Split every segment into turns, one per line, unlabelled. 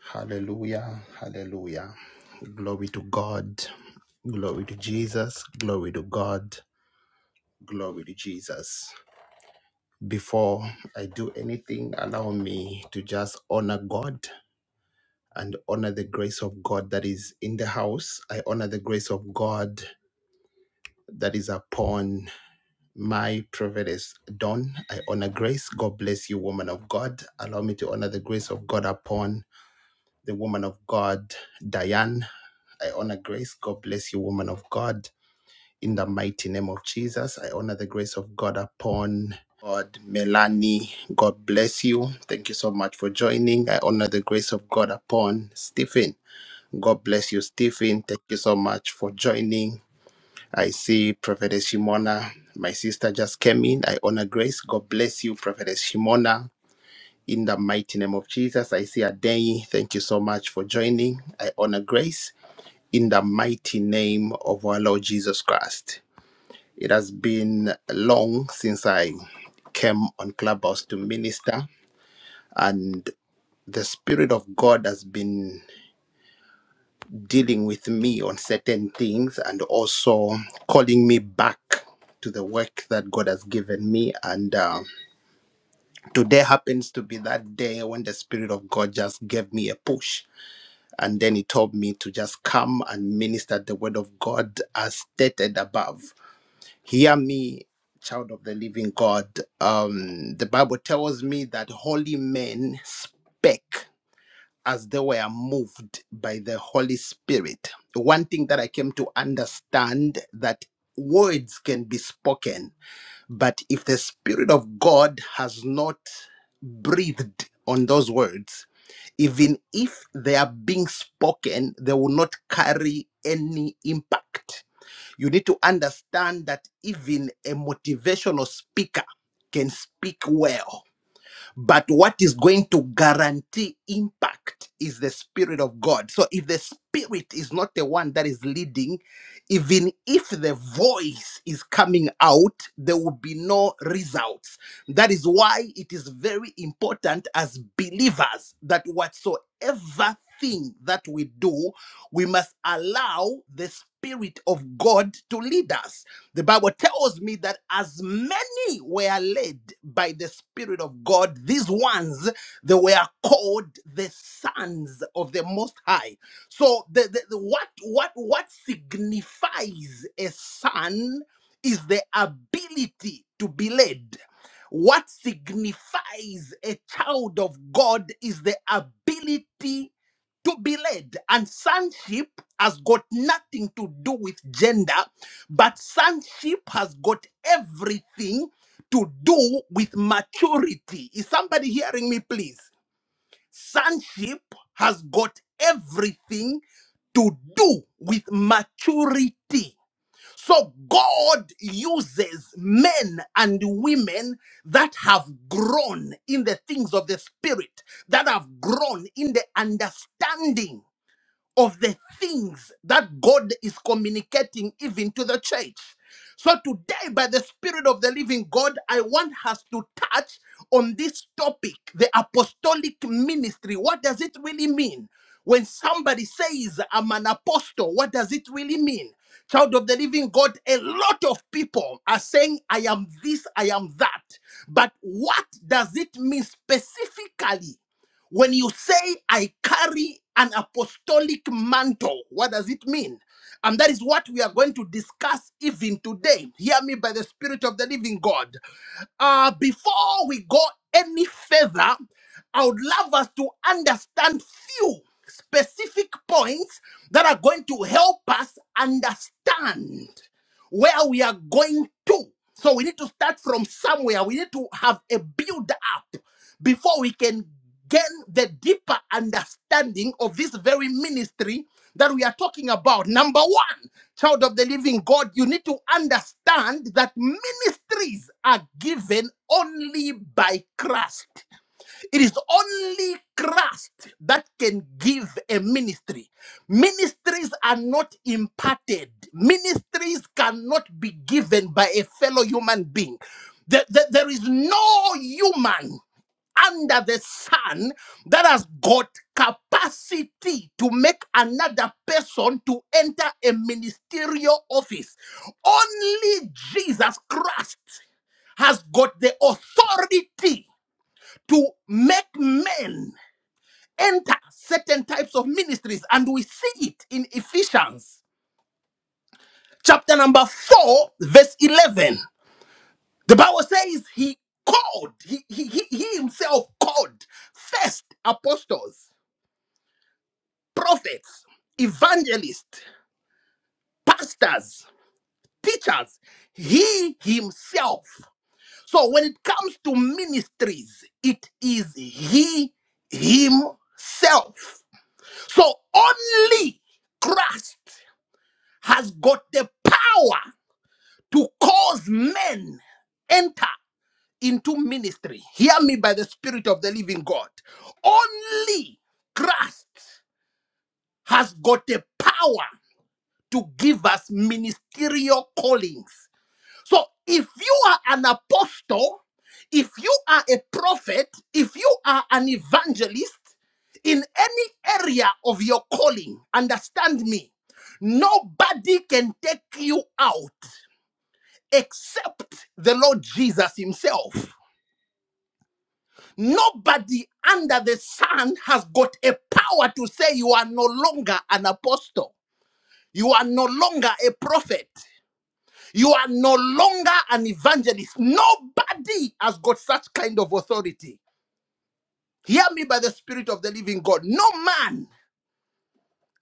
Hallelujah. Hallelujah. Glory to God. Glory to Jesus. Glory to God. Glory to Jesus. Before I do anything, allow me to just honor God and honor the grace of God that is in the house. I honor the grace of God that is upon my prophetess Don. I honor grace. God bless you, woman of God. Allow me to honor the grace of God upon the woman of God, Diane. I honor grace. God bless you, woman of God. In the mighty name of Jesus, I honor the grace of God upon God, Melanie. God bless you. Thank you so much for joining. I honor the grace of God upon Stephen. God bless you, Stephen. Thank you so much for joining. I see Prophetess Shimona. My sister just came in. I honor grace. God bless you, Prophetess Shimona. In the mighty name of Jesus, I see Adeyi. Thank you so much for joining. I honor grace in the mighty name of our Lord Jesus Christ. It has been long since I came on Clubhouse to minister, and the Spirit of God has been dealing with me on certain things and also calling me back to the work that God has given me. And uh, today happens to be that day when the Spirit of God just gave me a push And then he told me to just come and minister the word of God as stated above. Hear me, child of the living God. Um, the Bible tells me that holy men spake as they were moved by the Holy Spirit. One thing that I came to understand that words can be spoken, but if the Spirit of God has not breathed on those words, even if they are being spoken, they will not carry any impact. You need to understand that even a motivational speaker can speak well but what is going to guarantee impact is the Spirit of God. So if the Spirit is not the one that is leading, even if the voice is coming out, there will be no results. That is why it is very important as believers that whatsoever thing that we do, we must allow the Spirit of God to lead us. The Bible tells me that as men ye were led by the Spirit of God, these ones, they were called the sons of the Most High. So, the, the, the- what, what, what signifies a son is the ability to be led. What signifies a child of God is the ability to be led. And sonship has got nothing to do with gender, but sonship has got everything to do with maturity. Is somebody hearing me, please? Sonship has got everything to do with maturity. So God uses men and women that have grown in the things of the Spirit, that have grown in the understanding of the things that God is communicating even to the church. So, today, by the Spirit of the Living God, I want us to touch on this topic the apostolic ministry. What does it really mean? When somebody says, I'm an apostle, what does it really mean? Child of the living God, a lot of people are saying, I am this, I am that. But what does it mean specifically? When you say, I carry an apostolic mantle, what does it mean? And that is what we are going to discuss even today. Hear me by the Spirit of the Living God. Uh, before we go any further, I would love us to understand few specific points that are going to help us understand where we are going to. So we need to start from somewhere. We need to have a build up before we can gain the deeper understanding of this very ministry that we are talking about. Number one, child of the living God, you need to understand that ministries are given only by Christ. It is only Christ that can give a ministry. Ministries are not imparted, ministries cannot be given by a fellow human being. There, there, there is no human under the sun that has got capacity to make another person to enter a ministerial office. Only Jesus Christ has got the authority to make men enter certain types of ministries. And we see it in Ephesians chapter number 4, verse 11. The Bible says he called, he, he, he, he himself called first apostles, prophets, evangelists, pastors, teachers. He himself. So when it comes to ministries, it is he himself. So only Christ has got the power to cause men enter into ministry. Hear me by the spirit of the living God. Only Christ has got the power to give us ministerial callings. So if you are an apostle, if you are a prophet, if you are an evangelist in any area of your calling, understand me, nobody can take you out except the Lord Jesus Himself. Nobody under the sun has got a power to say you are no longer an apostle. You are no longer a prophet. You are no longer an evangelist. Nobody has got such kind of authority. Hear me by the Spirit of the living God. No man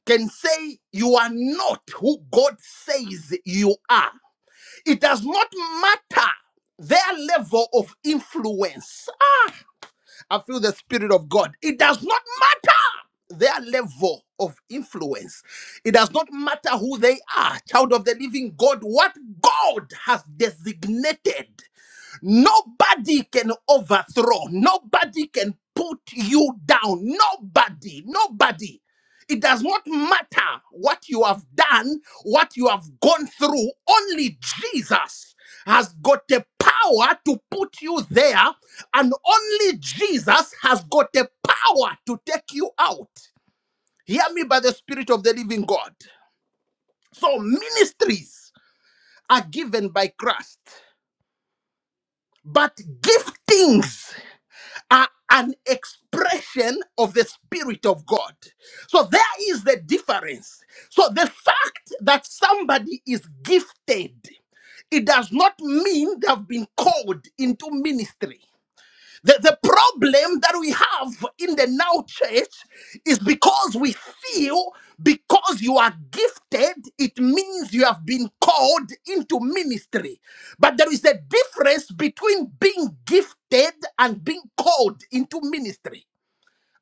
can say you are not who God says you are. It does not matter their level of influence. Ah, I feel the Spirit of God. It does not matter their level of influence, it does not matter who they are. Child of the living God, what God has designated Nobody can overthrow. Nobody can put you down. Nobody. Nobody. It does not matter what you have done, what you have gone through. Only Jesus has got the power to put you there, and only Jesus has got the power to take you out. Hear me by the Spirit of the living God. So, ministries are given by Christ, but giftings are an expression of the Spirit of God. So there is the difference. So the fact that somebody is gifted, it does not mean they have been called into ministry. The, the problem that we have in the now church is because we feel because you are gifted, it means you have been called into ministry. But there is a difference between being gifted and being called into ministry.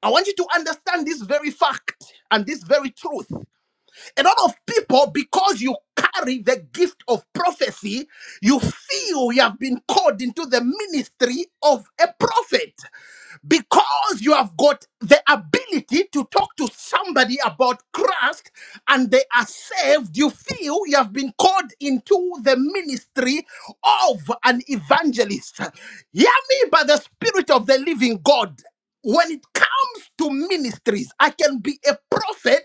I want you to understand this very fact and this very truth. A lot of people, because you carry the gift of prophecy, you feel you have been called into the ministry of a prophet because you have got the ability to talk to somebody about Christ and they are saved, you feel you have been called into the ministry of an evangelist. Hear me by the Spirit of the living God when it comes to ministries, I can be a prophet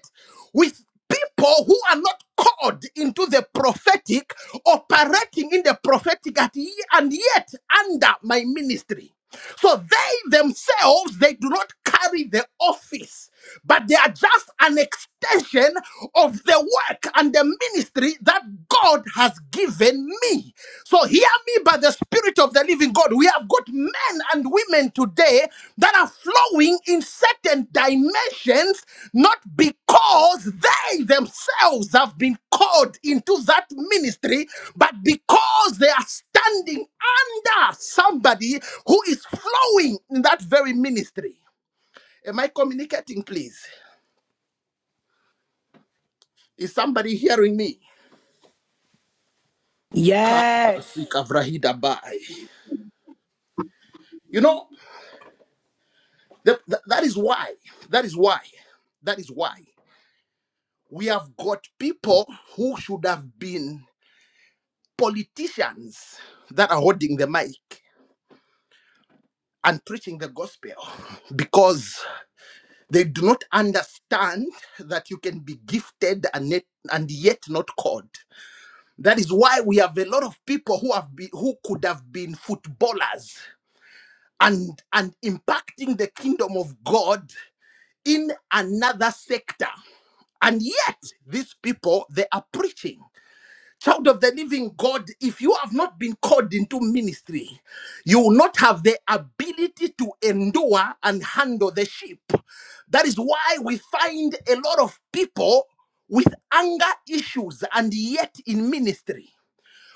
with people who are not called into the prophetic, operating in the prophetic at ye- and yet under my ministry. So they themselves they do not carry the office but they are just an extension of the work and the ministry that God has given me. So hear me by the Spirit of the Living God. We have got men and women today that are flowing in certain dimensions, not because they themselves have been called into that ministry, but because they are standing under somebody who is flowing in that very ministry. Am I communicating, please? Is somebody hearing me?
Yes.
Karabasika vrahidabai. You know, th- th- that is why, that is why, that is why we have got people who should have been politicians that are holding the mic and preaching the gospel because they do not understand that you can be gifted and yet, and yet not called. That is why we have a lot of people who have been, who could have been footballers and and impacting the kingdom of god in another sector and yet these people they are preaching child of the living god if you have not been called into ministry you will not have the ability to endure and handle the sheep that is why we find a lot of people with anger issues and yet in ministry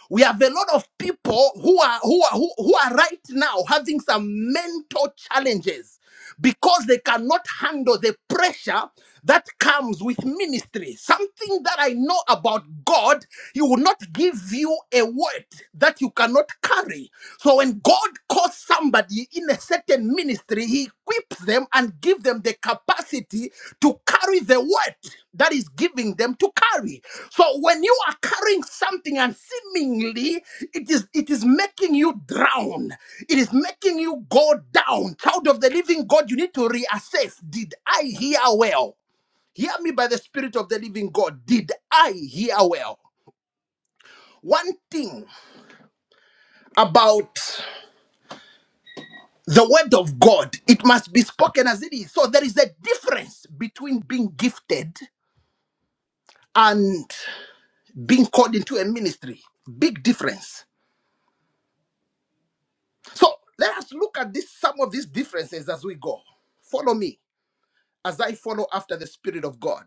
we have a lot of people who are who are who, who are right now having some mental challenges because they cannot handle the pressure that comes with ministry something that i know about god he will not give you a word that you cannot carry so when god calls somebody in a certain ministry, he equips them and give them the capacity to carry the word that is giving them to carry. So when you are carrying something and seemingly it is it is making you drown, it is making you go down. Child of the living God, you need to reassess. Did I hear well? Hear me by the Spirit of the living God. Did I hear well? One thing about the word of God, it must be spoken as it is. So there is a difference between being gifted and being called into a ministry. Big difference. So let us look at this some of these differences as we go. Follow me as I follow after the Spirit of God.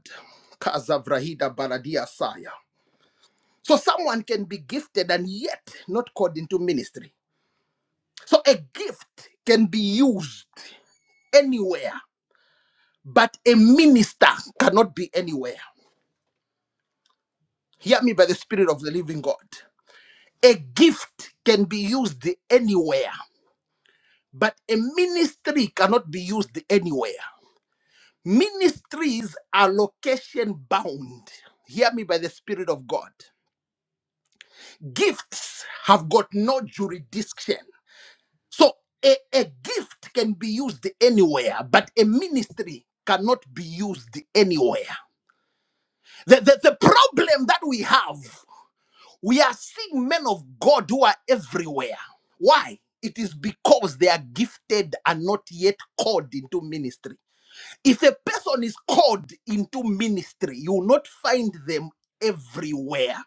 Kazavrahida Baladia Saya. So someone can be gifted and yet not called into ministry. So a gift can be used anywhere, but a minister cannot be anywhere. Hear me by the Spirit of the living God. A gift can be used anywhere, but a ministry cannot be used anywhere. Ministries are location bound. Hear me by the Spirit of God. Gifts have got no jurisdiction. So a, a gift can be used anywhere, but a ministry cannot be used anywhere. The, the, the problem that we have We are seeing men of God who are everywhere. Why? It is because they are gifted and not yet called into ministry. If a person is called into ministry, you will not find them everywhere.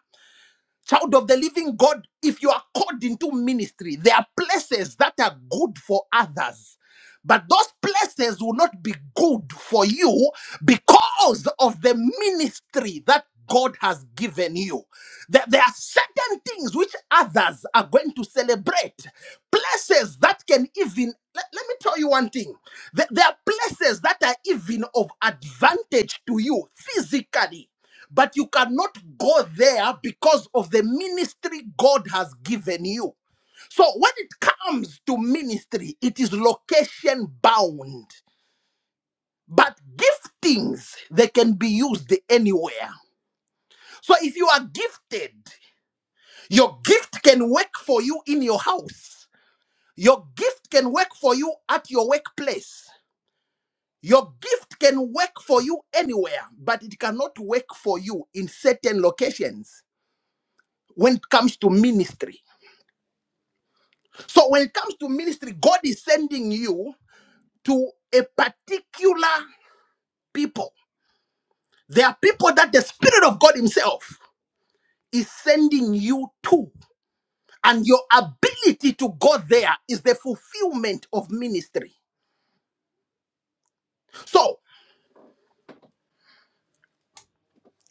Child of the living God, if you are called into ministry, there are places that are good for others. But those places will not be good for you because of the ministry that God has given you. That there are certain things which others are going to celebrate, places that can even let, let me tell you one thing. There, there are places that are even of advantage to you physically, but you cannot go there because of the ministry God has given you. So when it comes to ministry, it is location bound. But giftings, they can be used anywhere. So if you are gifted, your gift can work for you in your house. Your gift can work for you at your workplace. Your gift can work for you anywhere, but it cannot work for you in certain locations when it comes to ministry. So when it comes to ministry, God is sending you to a particular people. There are people that the Spirit of God Himself is sending you to. And your ability to go there is the fulfillment of ministry. So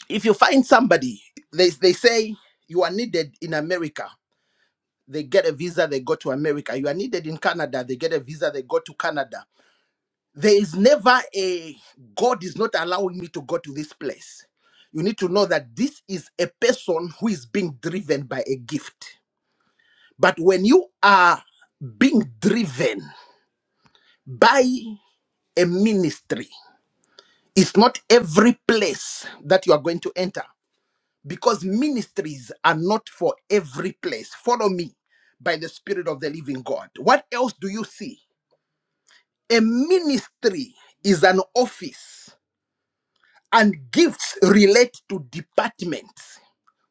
if you find somebody, they, they say you are needed in America, they get a visa, they go to America. You are needed in Canada, they get a visa, they go to Canada. There is never a God is not allowing me to go to this place. You need to know that this is a person who is being driven by a gift. But when you are being driven by a ministry, It's not every place that you are going to enter because ministries are not for every place. Follow me by the Spirit of the living God. What else do you see? A ministry is an office, and gifts relate to departments.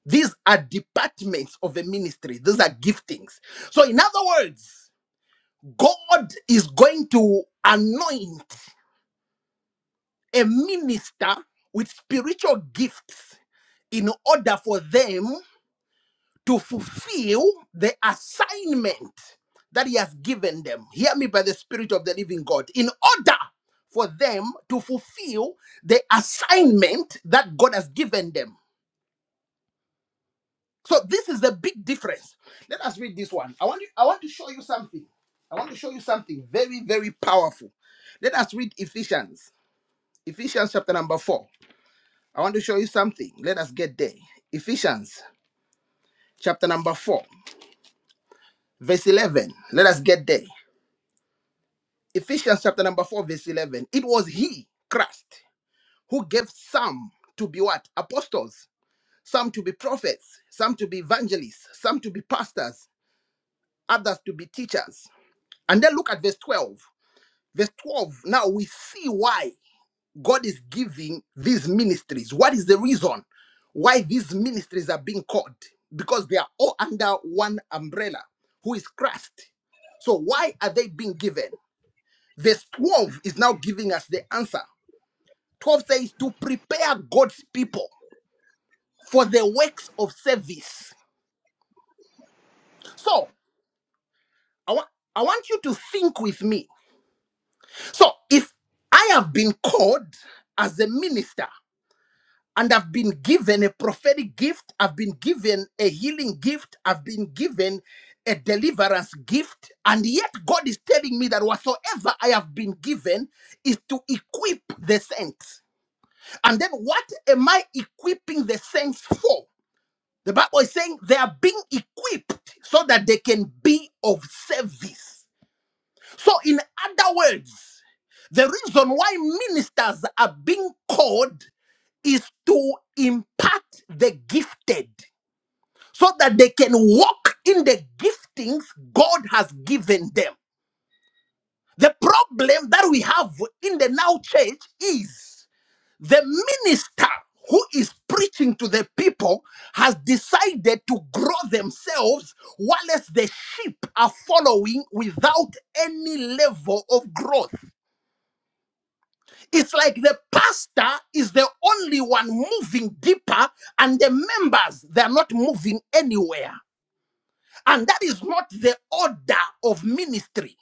These are departments of a ministry, these are giftings. So, in other words, God is going to anoint a minister with spiritual gifts in order for them to fulfill the assignment that He has given them. Hear me by the Spirit of the Living God. In order for them to fulfill the assignment that God has given them. So this is the big difference. Let us read this one. I want you, I want to show you something. I want to show you something very, very powerful. Let us read Ephesians. Ephesians chapter number four. I want to show you something. Let us get there. Ephesians chapter number four. verse 11. Let us get there. Ephesians chapter number 4, verse 11. It was He, Christ, who gave some to be what? Apostles, some to be prophets, some to be evangelists, some to be pastors, others to be teachers. And then look at verse 12. Verse 12. Now we see why God is giving these ministries. What is the reason why these ministries are being called? Because they are all under one umbrella, who is Christ. So why are they being given? Verse 12 is now giving us the answer. 12 says to prepare God's people for the works of service. So I, wa- I want you to think with me. So if I have been called as a minister and I've been given a prophetic gift, I've been given a healing gift, I've been given a deliverance gift, and yet God is telling me that whatsoever I have been given is to equip the saints. And then what am I equipping the saints for? The Bible is saying they are being equipped so that they can be of service. So, in other words, the reason why ministers are being called is to impart the gifted so that they can walk in the giftings God has given them. The problem that we have in the now church is the minister who is preaching to the people has decided to grow themselves whilst the sheep are following without any level of growth. It's like the pastor is the only one moving deeper and the members they're not moving anywhere. And that is not the order of ministry.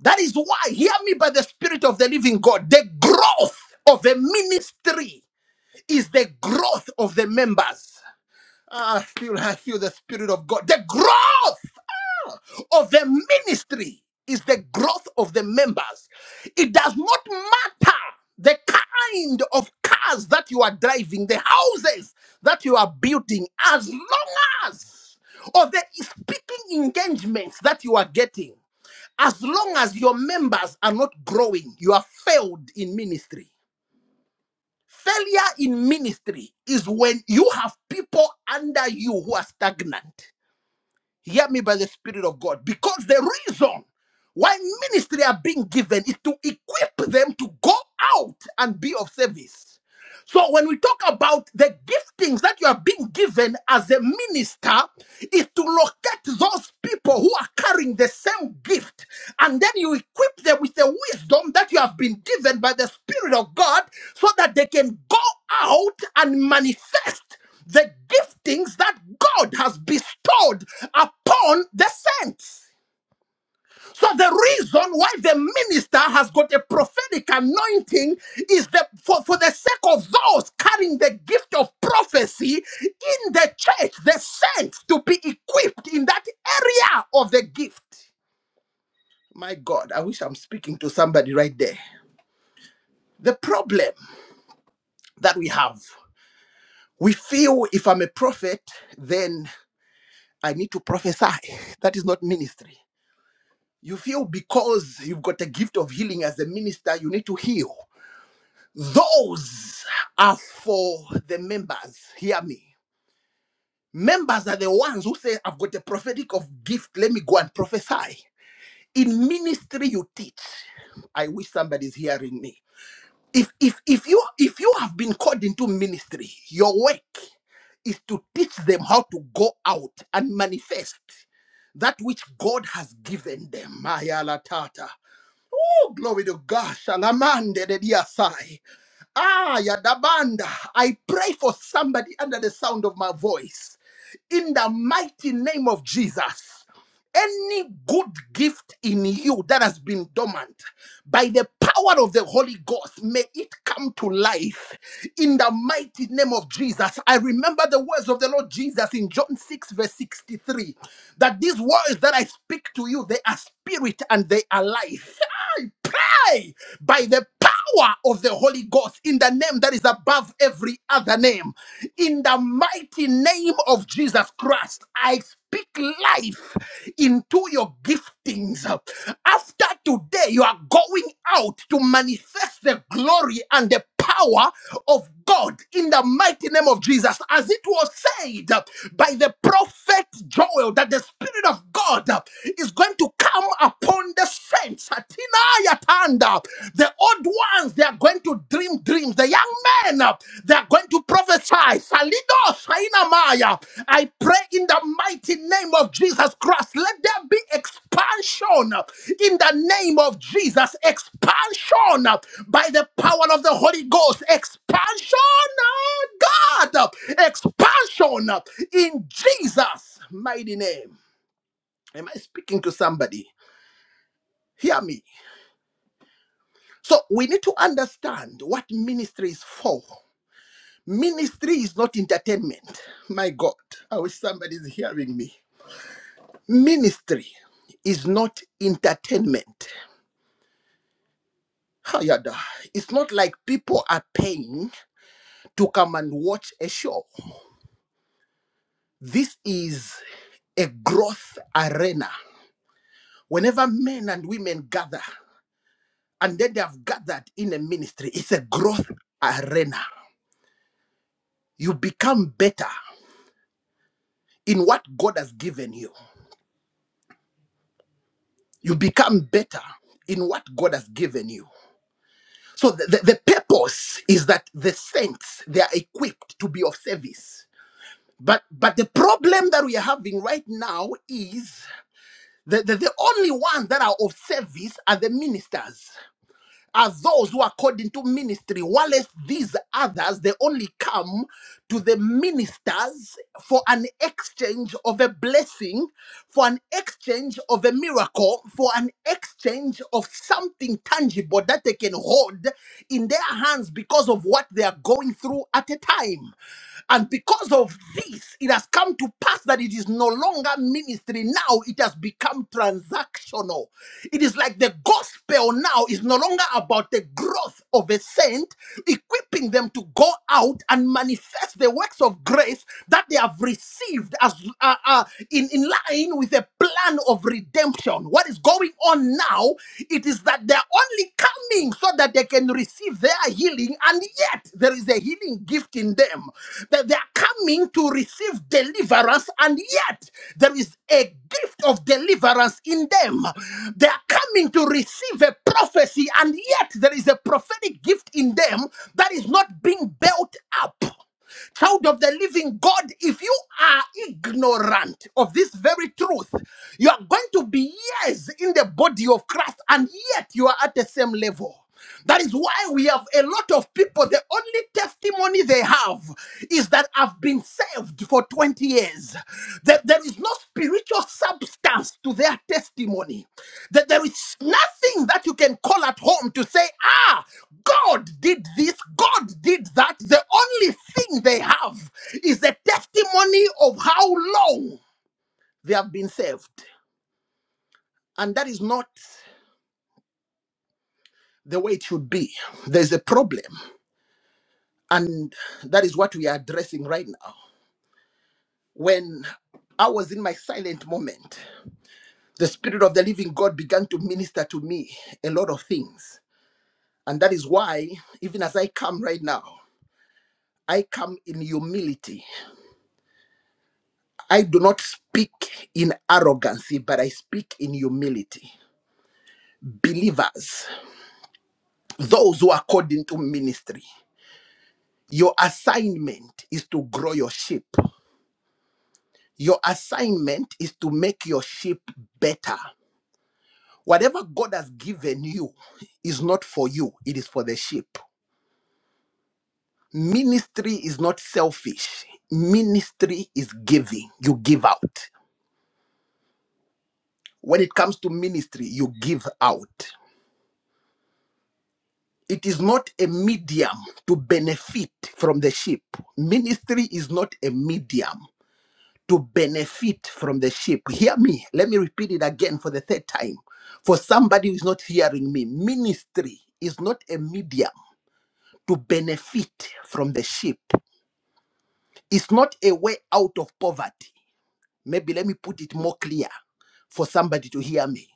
That is why, hear me by the Spirit of the Living God, the growth of a ministry is the growth of the members. Ah, I feel I feel the spirit of God. The growth of the ministry is the growth of the members. It does not matter the kind of cars that you are driving, the houses that you are building, as long as or the speaking engagements that you are getting, as long as your members are not growing, you are failed in ministry. Failure in ministry is when you have people under you who are stagnant. Hear me by the Spirit of God. Because the reason why ministry are being given is to equip them to go out and be of service. So when we talk about the giftings that you are being given as a minister, is to locate those people who are carrying the same gift, and then you equip them with the wisdom that you have been given by the Spirit of God, so that they can go out and manifest the giftings that God has bestowed upon the saints. So the reason why the minister has got a prophetic anointing is that for, for the sake of those carrying the gift of prophecy in the church, the saints to be equipped in that area of the gift. My God, I wish I'm speaking to somebody right there. The problem that we have, we feel if I'm a prophet, then I need to prophesy. That is not ministry. You feel because you've got the gift of healing as a minister, you need to heal. Those are for the members. Hear me. Members are the ones who say, I've got a prophetic of gift. Let me go and prophesy. In ministry, you teach. I wish somebody's hearing me. If if if you if you have been called into ministry, your work is to teach them how to go out and manifest that which God has given them. Maya la tata. Oh, glory to God. Shalamande de diasai. Ah, Yadabanda, I pray for somebody under the sound of my voice in the mighty name of Jesus. Any good gift in you that has been dormant, by the power of the Holy Ghost, may it come to life in the mighty name of Jesus. I remember the words of the Lord Jesus in John 6, verse 63, that these words that I speak to you, they are spirit and they are life. die by the power of the Holy Ghost in the name that is above every other name. In the mighty name of Jesus Christ, I speak life into your giftings. After today, you are going out to manifest the glory and the power of God in the mighty name of Jesus, as it was said by the prophet Joel, that the Spirit of God is going to come upon the saints. Atina Atinayatanda. The old ones, they are going to dream dreams. The young men, they are going to prophesy. Salido. Maya. I pray in the mighty name of Jesus Christ. Let there be expansion in the name of Jesus. Expansion by the power of the Holy Ghost. Expansion, oh God. Expansion in Jesus' mighty name. Am I speaking to somebody? Hear me. So we need to understand what ministry is for. Ministry is not entertainment. My God, I wish somebody is hearing me. Ministry is not entertainment. Hayada. It's not like people are paying to come and watch a show. This is a growth arena. Whenever men and women gather, and then they have gathered in a ministry, it's a growth arena. You become better in what God has given you. You become better in what God has given you. So the, the, the purpose is that the saints they are equipped to be of service. But but the problem that we are having right now is that the, the only ones that are of service are the ministers are those who, according to ministry, whilst these others, they only come to the ministers for an exchange of a blessing, for an exchange of a miracle, for an exchange of something tangible that they can hold in their hands because of what they are going through at a time. And because of this, it has come to pass that it is no longer ministry ministry now it has become transactional. It is like the gospel now is no longer about the growth of a saint, equipping them to go out and manifest the works of grace that they have received as uh, uh, in, in line with the plan of redemption. What is going on now? It is that they're only coming so that they can receive their healing, and yet there is a healing gift left in them, that they are coming to receive deliverance, and yet there is a gift of deliverance in them. They are coming to receive a prophecy, and yet there is a prophetic gift in them that is not being built up. Child of the living God, if you are ignorant of this very truth, you are going to be years in the body of Christ and yet you are at the same level. That is why we have a lot of people, the only testimony they have is that I've been saved for 20 years. That there is no spiritual substance to their testimony. That there is nothing that you can call at home to say, ah, God did this, God did that. The only thing they have is a testimony of how long they have been saved. And that is not the way it should be. There's a problem. And that is what we are addressing right now. When I was in my silent moment, the Spirit of the Living God began to minister to me a lot of things. And that is why, even as I come right now, I come in humility. I do not speak in arrogancy, but I speak in humility. Believers, those who are called into ministry, your assignment is to grow your sheep. Your assignment is to make your sheep better. Whatever God has given you is not for you, it is for the sheep. Ministry is not selfish. Ministry is giving. You give out. When it comes to ministry, you give out. It is not a medium to benefit from the sheep. Ministry is not a medium to benefit from the sheep. Hear me. Let me repeat it again for the third time. For somebody who is not hearing me, ministry is not a medium to benefit from the sheep. It's not a way out of poverty. Maybe let me put it more clear for somebody to hear me.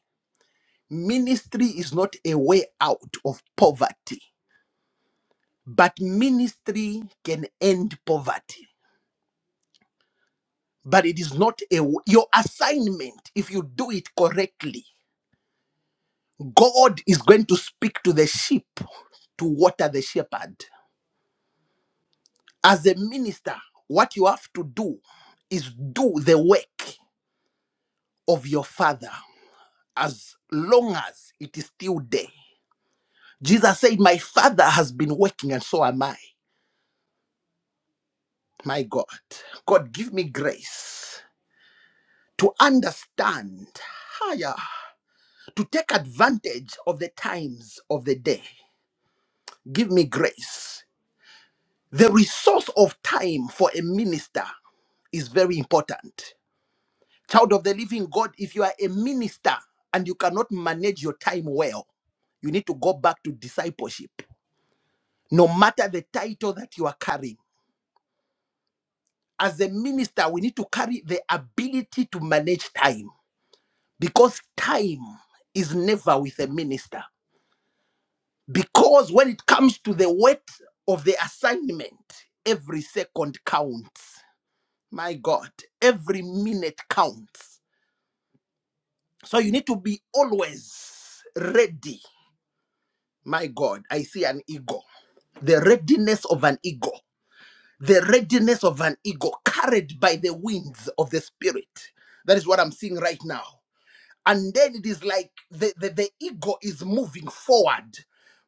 Ministry is not a way out of poverty. But ministry can end poverty. But it is not a your assignment if you do it correctly. God is going to speak to the sheep to water the shepherd. As a minister, what you have to do is do the work of your father as long as it is still day. Jesus said, My father has been working, and so am I. My God. God, give me grace to understand. higher. to take advantage of the times of the day. Give me grace. The resource of time for a minister is very important. Child of the living God, if you are a minister and you cannot manage your time well, you need to go back to discipleship. No matter the title that you are carrying, as a minister, we need to carry the ability to manage time because time is never with a minister. Because when it comes to the weight of the assignment, every second counts. My God, every minute counts. So you need to be always ready. My God, I see an ego. The readiness of an ego. The readiness of an ego carried by the winds of the spirit. That is what I'm seeing right now. and then it is like the, the, the ego is moving forward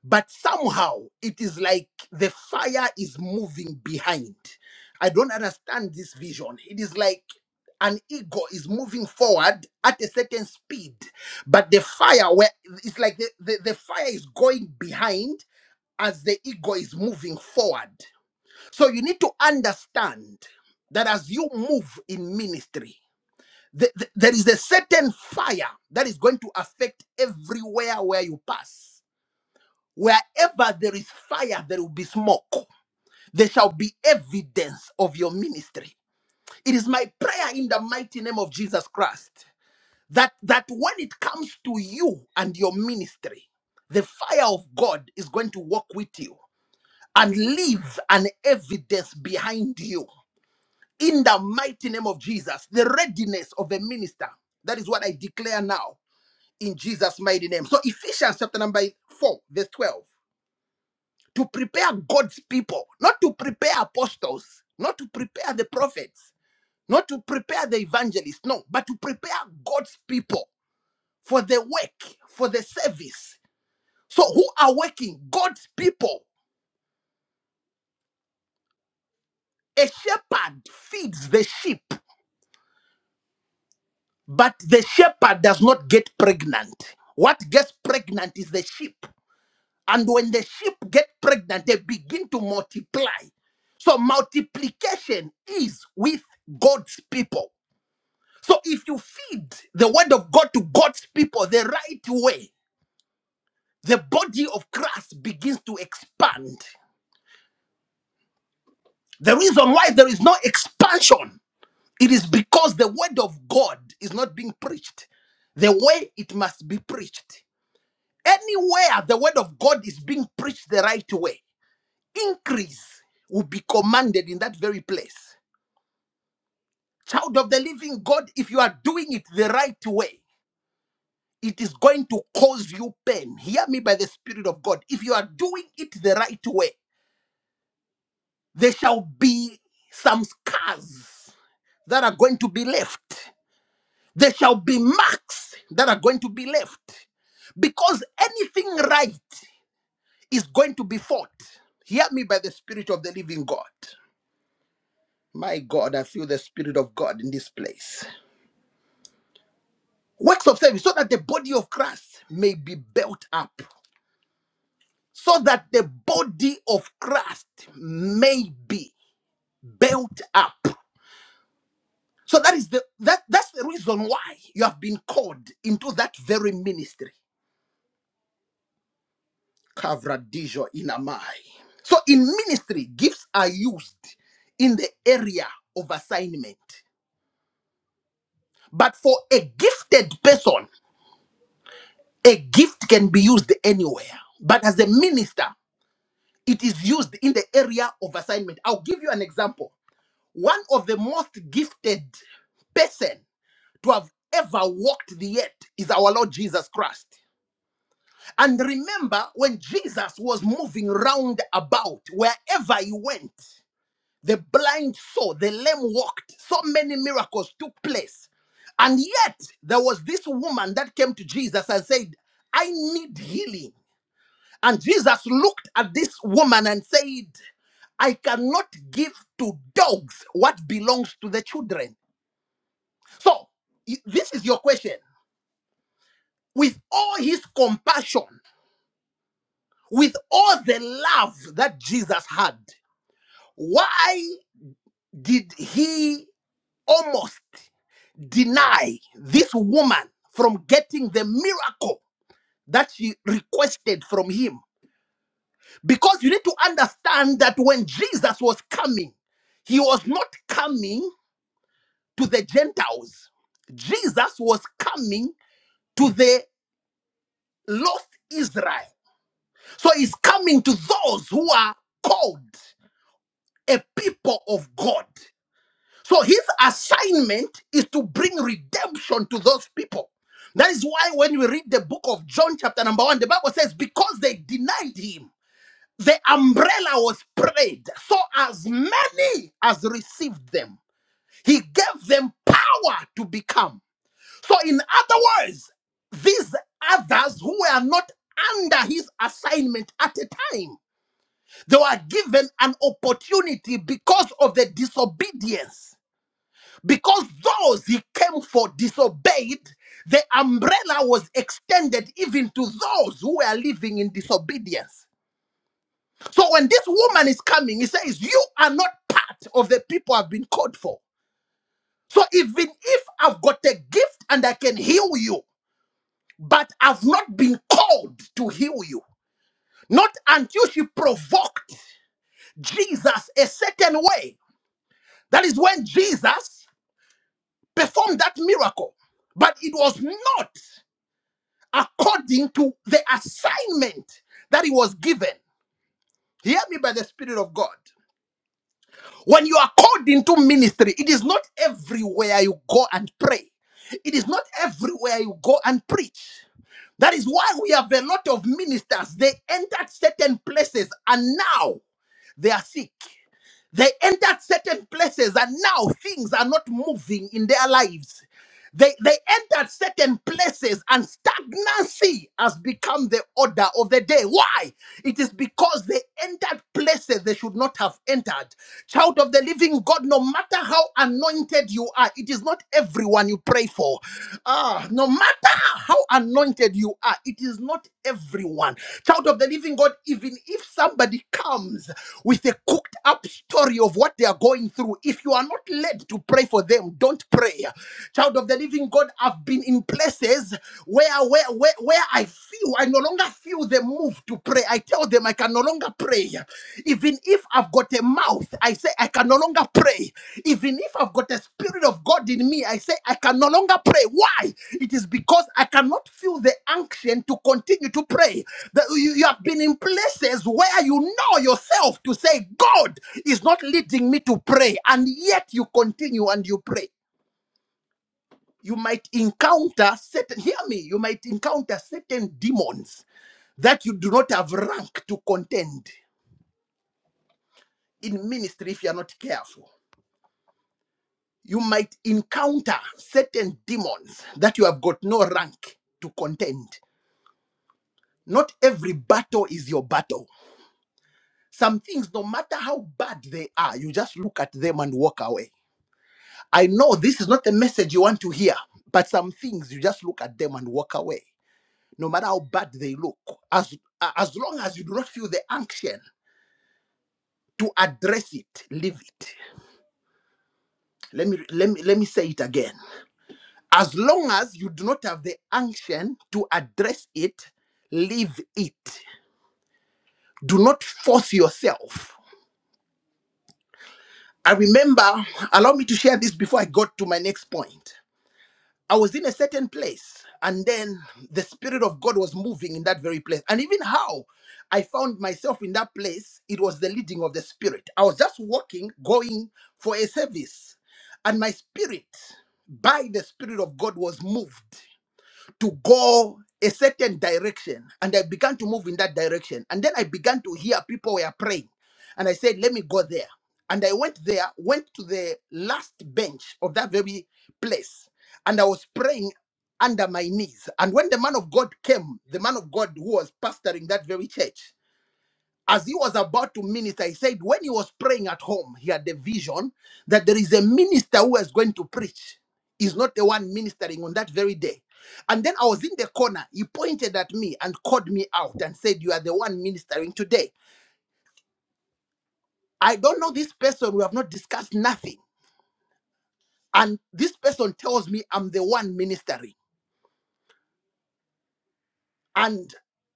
but somehow it is like the fire is moving behind i don't understand this vision it is like an ego is moving forward at a certain speed but the fire where it's like the, the, the fire is going behind as the ego is moving forward so you need to understand that as you move in ministry th- th- there is a certain fire that is going to affect everywhere where you pass. Wherever there is fire, there will be smoke. There shall be evidence of your ministry. It is my prayer in the mighty name of Jesus Christ that, that when it comes to you and your ministry, the fire of God is going to walk with you and leave an evidence behind you. In the mighty name of Jesus, the readiness of a minister. That is what I declare now in Jesus' mighty name. So Ephesians chapter number 4, verse 12. To prepare God's people, not to prepare apostles, not to prepare the prophets, not to prepare the evangelists, no, but to prepare God's people for the work, for the service. So who are working? God's people. A shepherd feeds the sheep, but the shepherd does not get pregnant. What gets pregnant is the sheep. And when the sheep get pregnant, they begin to multiply. So multiplication is with God's people. So if you feed the word of God to God's people the right way, the body of Christ begins to expand. The reason why there is no expansion, it is because the word of God is not being preached the way it must be preached. Anywhere the word of God is being preached the right way increase will be commanded in that very place. Child of the living God, if you are doing it the right way, it is going to cause you pain. Hear me by the Spirit of God. If you are doing it the right way, there shall be some scars that are going to be left. There shall be marks that are going to be left. Because anything right is going to be fought. Hear me by the Spirit of the living God. My God, I feel the Spirit of God in this place. works of service so that the body of Christ may be built up. So that the body of Christ may be built up. So that is the that that's the reason why you have been called into that very ministry. Kavradijo inamai. So in ministry, gifts are used in the area of assignment. But for a gifted person, a gift can be used anywhere. But as a minister, it is used in the area of assignment. I'll give you an example. One of the most gifted person to have ever walked the earth is our Lord Jesus Christ. And remember when Jesus was moving round about wherever he went, the blind saw, the lame walked, so many miracles took place. And yet there was this woman that came to Jesus and said, I need healing. And Jesus looked at this woman and said, I cannot give to dogs what belongs to the children. So, i- this is your question. With all his compassion, with all the love that Jesus had, why did he almost deny this woman from getting the miracle that she requested from him? Because you need to understand that when Jesus was coming, he was not coming to the Gentiles. Jesus was coming to the lost Israel. So he's coming to those who are called a people of God. So his assignment is to bring redemption to those people. That is why when we read the book of John, chapter number one, the Bible says, because they denied him. the umbrella was spread so as many as received them he gave them power to become so in other words these others who were not under his assignment at a time they were given an opportunity because of the disobedience because those he came for disobeyed the umbrella was extended even to those who were living in disobedience So when this woman is coming, he says, You are not part of the people I've been called for. So even if I've got a gift and I can heal you, but I've not been called to heal you, not until she provoked Jesus a certain way. That is when Jesus performed that miracle. But it was not according to the assignment that he was given. Hear me by the Spirit of God. When you are called into ministry, it is not everywhere you go and pray. It is not everywhere you go and preach. That is why we have a lot of ministers. They entered certain places and now they are sick. They entered certain places and now things are not moving in their lives. They, they entered certain places and stagnancy has become the order of the day. Why? It is because they entered places they should not have entered. Child of the living God, no matter how anointed you are, it is not everyone you pray for. Ah, no matter how anointed you are, it is not everyone. Child of the living God, even if somebody comes with a cooked up story of what they are going through, if you are not led to pray for them, don't pray. Child of the living God, I've been in places where, where, where, where I feel, I no longer feel the move to pray. I tell them I can no longer pray. Even if I've got a mouth, I say I can no longer pray. Even if I've got a spirit of God in me, I say I can no longer pray. Why? It is because I cannot feel the unction to continue to pray. That you, you have been in places where you know yourself to say, God is not leading me to pray, and yet you continue and you pray you might encounter certain hear me you might encounter certain demons that you do not have rank to contend in ministry if you are not careful you might encounter certain demons that you have got no rank to contend not every battle is your battle some things no matter how bad they are you just look at them and walk away i know this is not the message you want to hear but some things you just look at them and walk away no matter how bad they look, as as long as you do not feel the unction to address it, leave it. Let me let me let me say it again. As long as you do not have the unction to address it, leave it. Do not force yourself. I remember, allow me to share this before I got to my next point. I was in a certain place, and then the Spirit of God was moving in that very place. And even how I found myself in that place, it was the leading of the Spirit. I was just walking, going for a service, and my spirit, by the Spirit of God, was moved to go a certain direction and I began to move in that direction. And then I began to hear people were praying. And I said, let me go there. And I went there, went to the last bench of that very place. And I was praying under my knees. And when the man of God came, the man of God who was pastoring that very church, as he was about to minister, he said when he was praying at home, he had the vision that there is a minister who is going to preach. He's not the one ministering on that very day. And then I was in the corner. He pointed at me and called me out and said, You are the one ministering today. I don't know this person. We have not discussed nothing. And this person tells me I'm the one ministering. And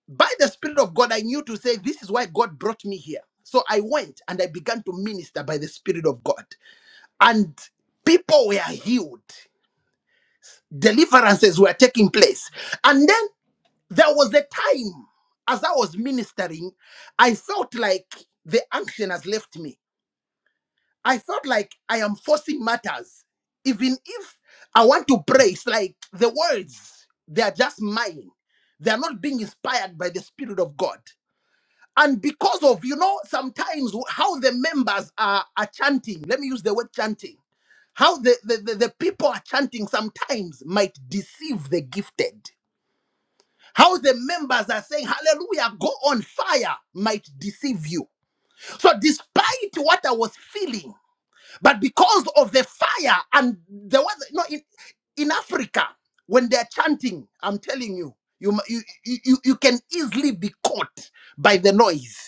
by the Spirit of God, I knew to say, This is why God brought me here. So I went and I began to minister by the Spirit of God. and people were healed. Deliverances were taking place. And then there was a time as I was ministering, I felt like the unction has left me. I felt like I am forcing matters. Even if I want to pray, it's like the words, they are just mine. They are not being inspired by the Spirit of God. And because of, you know, sometimes how the members are, are chanting, let me use the word chanting How the, the, the, the people are chanting sometimes might deceive the gifted. How the members are saying, Hallelujah, go on fire, might deceive you. So, despite what I was feeling, but because of the fire and the weather, you know, in, in Africa, when they're chanting, I'm telling you, you, mu- you, you, you you can easily be caught by the noise.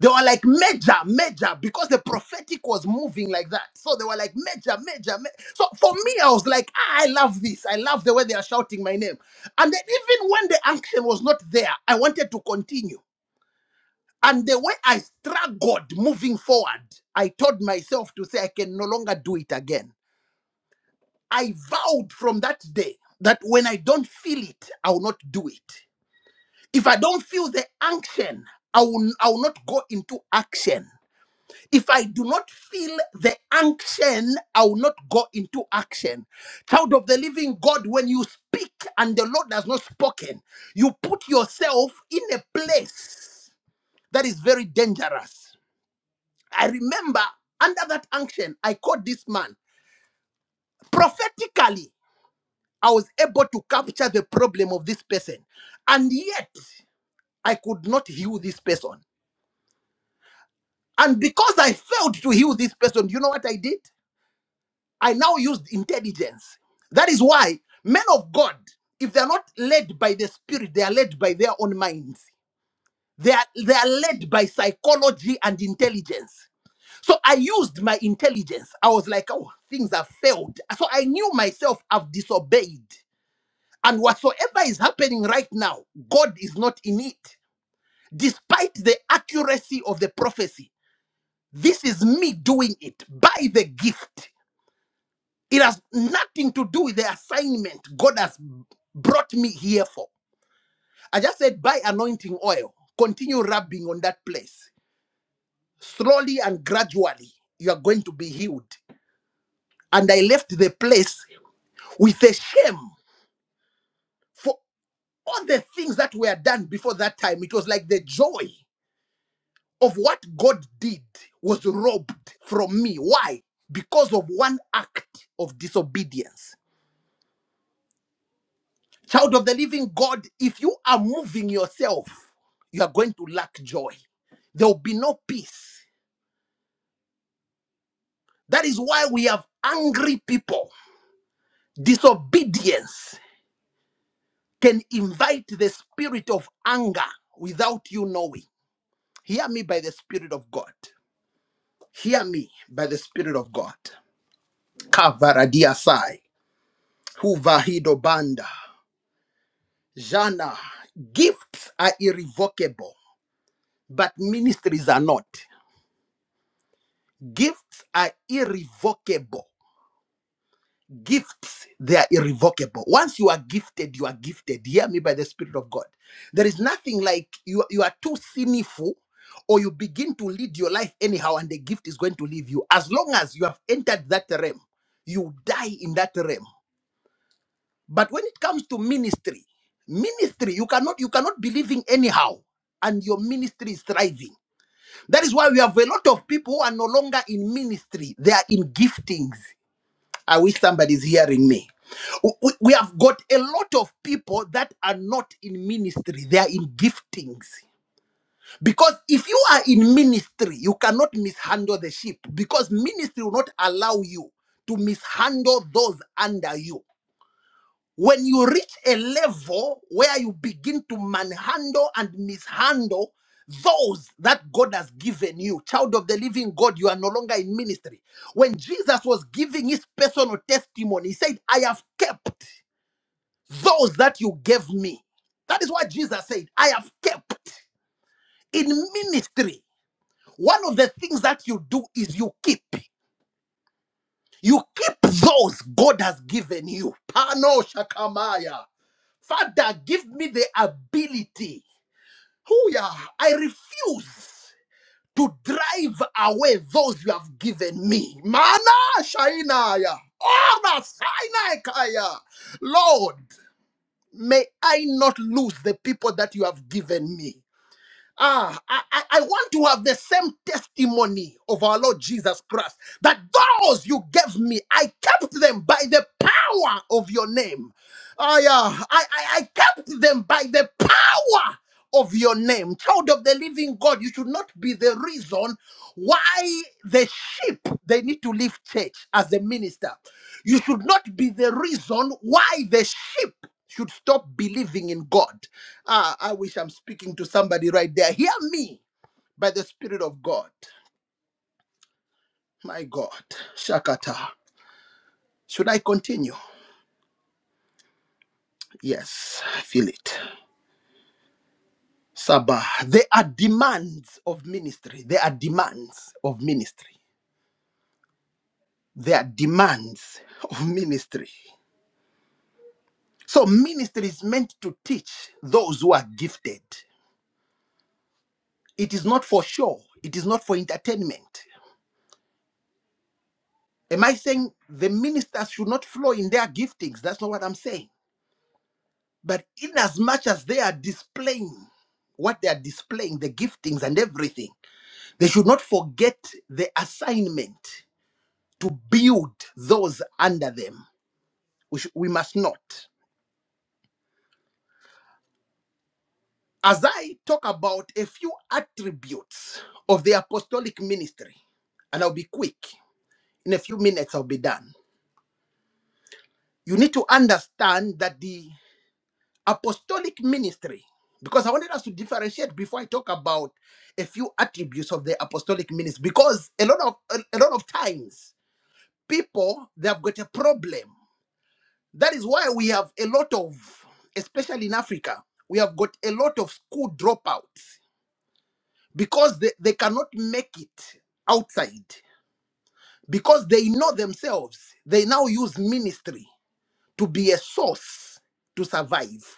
They were like major, major, because the prophetic was moving like that. So they were like major, major. ma-" So for me, I was like, "Ah, I love this. I love the way they are shouting my name. And then even when the action was not there, I wanted to continue. And the way I struggled moving forward, I told myself to say, I can no longer do it again. I vowed from that day that when I don't feel it, I will not do it. If I don't feel the action, I will, I will not go into action If I do not feel the unction, I will not go into action. Child of the living God, when you speak and the Lord has not spoken, you put yourself in a place that is very dangerous. I remember under that unction, I called this man prophetically. I was able to capture the problem of this person, and yet I could not heal this person. And because I failed to heal this person, you know what I did? I now used intelligence. That is why men of God, if they're not led by the spirit, they are led by their own minds. They are, they are led by psychology and intelligence. So I used my intelligence. I was like, oh, things have failed. So I knew myself I've disobeyed. And whatsoever is happening right now, God is not in it. Despite the accuracy of the prophecy, this is me doing it by the gift. It has nothing to do with the assignment God has brought me here for. I just said, buy anointing oil, continue rubbing on that place. Slowly and gradually, you are going to be healed. And I left the place with a shame for all the things that were done before that time. It was like the joy of what God did was robbed from me. Why? Because of one act of disobedience. Child of the living God, if you are moving yourself, you are going to lack joy. There will be no peace. That is why we have angry people. Disobedience can invite the spirit of anger without you knowing. Hear me by the spirit of God. Hear me by the spirit of God. Kavaradiasai, Huvahidobanda, Jana. Gifts are irrevocable, but ministries are not. Gifts are irrevocable. Gifts, they are irrevocable. Once you are gifted, you are gifted. Hear me by the Spirit of God. There is nothing like you, you are too sinful or you begin to lead your life anyhow and the gift is going to leave you. As long as you have entered that realm, you die in that realm. But when it comes to ministry, ministry, you cannot you cannot be living anyhow and your ministry is thriving. That is why we have a lot of people who are no longer in ministry, they are in giftings. I wish somebody's hearing me. W- w- We have got a lot of people that are not in ministry, they are in giftings. Because if you are in ministry, you cannot mishandle the sheep because ministry will not allow you to mishandle those under you. When you reach a level where you begin to manhandle and mishandle those that God has given you, child of the living God, you are no longer in ministry. When Jesus was giving his personal testimony, he said, I have kept those that you gave me. That is what Jesus said, I have kept in ministry, one of the things that you do is you keep. You keep those God has given you. Pano shakamaya. Father, give me the ability. Oh, yeah. I refuse to drive away those you have given me. Mana Shainaya. Ora Sainaikaya. Lord, may I not lose the people that you have given me. Ah, I, I I want to have the same testimony of our Lord Jesus Christ that those you gave me, I kept them by the power of your name. Ah, yeah, I, I, I kept them by the power of your name. Child of the living God, you should not be the reason why the sheep they need to leave church as a minister. You should not be the reason why the sheep should stop believing in God. Ah, I wish I'm speaking to somebody right there. Hear me by the Spirit of God. My God. Shakata. Should I continue? Yes, I feel it. Sabah. There are demands of ministry. There are demands of ministry. There are demands of ministry. So, ministry is meant to teach those who are gifted. It is not for show, it is not for entertainment. Am I saying the ministers should not flow in their giftings? That's not what I'm saying. But in as much as they are displaying what they are displaying, the giftings and everything, they should not forget the assignment to build those under them. We, sh- we must not. As I talk about a few attributes of the apostolic ministry, and I'll be quick, in a few minutes I'll be done. You need to understand that the apostolic ministry because i wanted us to differentiate before i talk about a few attributes of the apostolic ministry because a lot of a, a lot of times people they have got a problem that is why we have a lot of especially in africa we have got a lot of school dropouts because they, they cannot make it outside because they know themselves they now use ministry to be a source to survive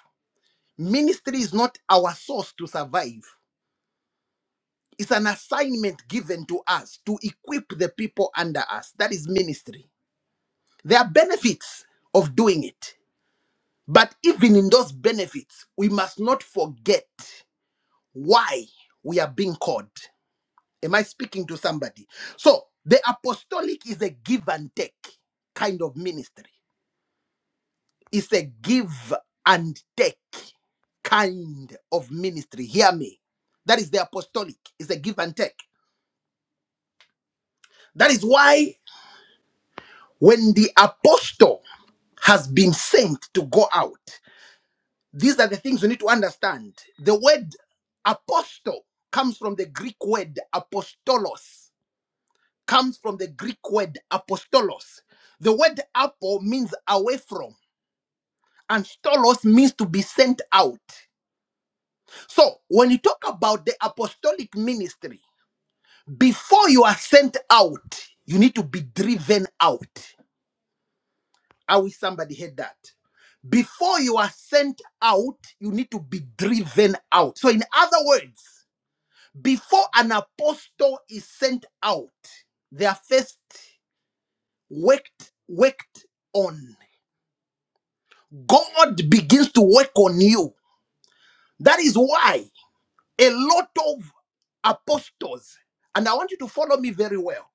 ministry is not our source to survive It's an assignment given to us to equip the people under us. That is ministry. There are benefits of doing it. But even in those benefits, we must not forget why we are being called. Am I speaking to somebody? So, the apostolic is a give and take kind of ministry. It's a give and take kind of ministry. Hear me. That is the apostolic. It's a give and take. That is why When the apostle has been sent to go out, these are the things we need to understand. The word apostle comes from the Greek word apostolos, comes from the Greek word apostolos. The word apo means away from, and stolos means to be sent out. So when you talk about the apostolic ministry, before you are sent out, you need to be driven out. I wish somebody had that. Before you are sent out, you need to be driven out. So, in other words, before an apostle is sent out, they are first worked, worked on. God begins to work on you. That is why a lot of apostles, and I want you to follow me very well.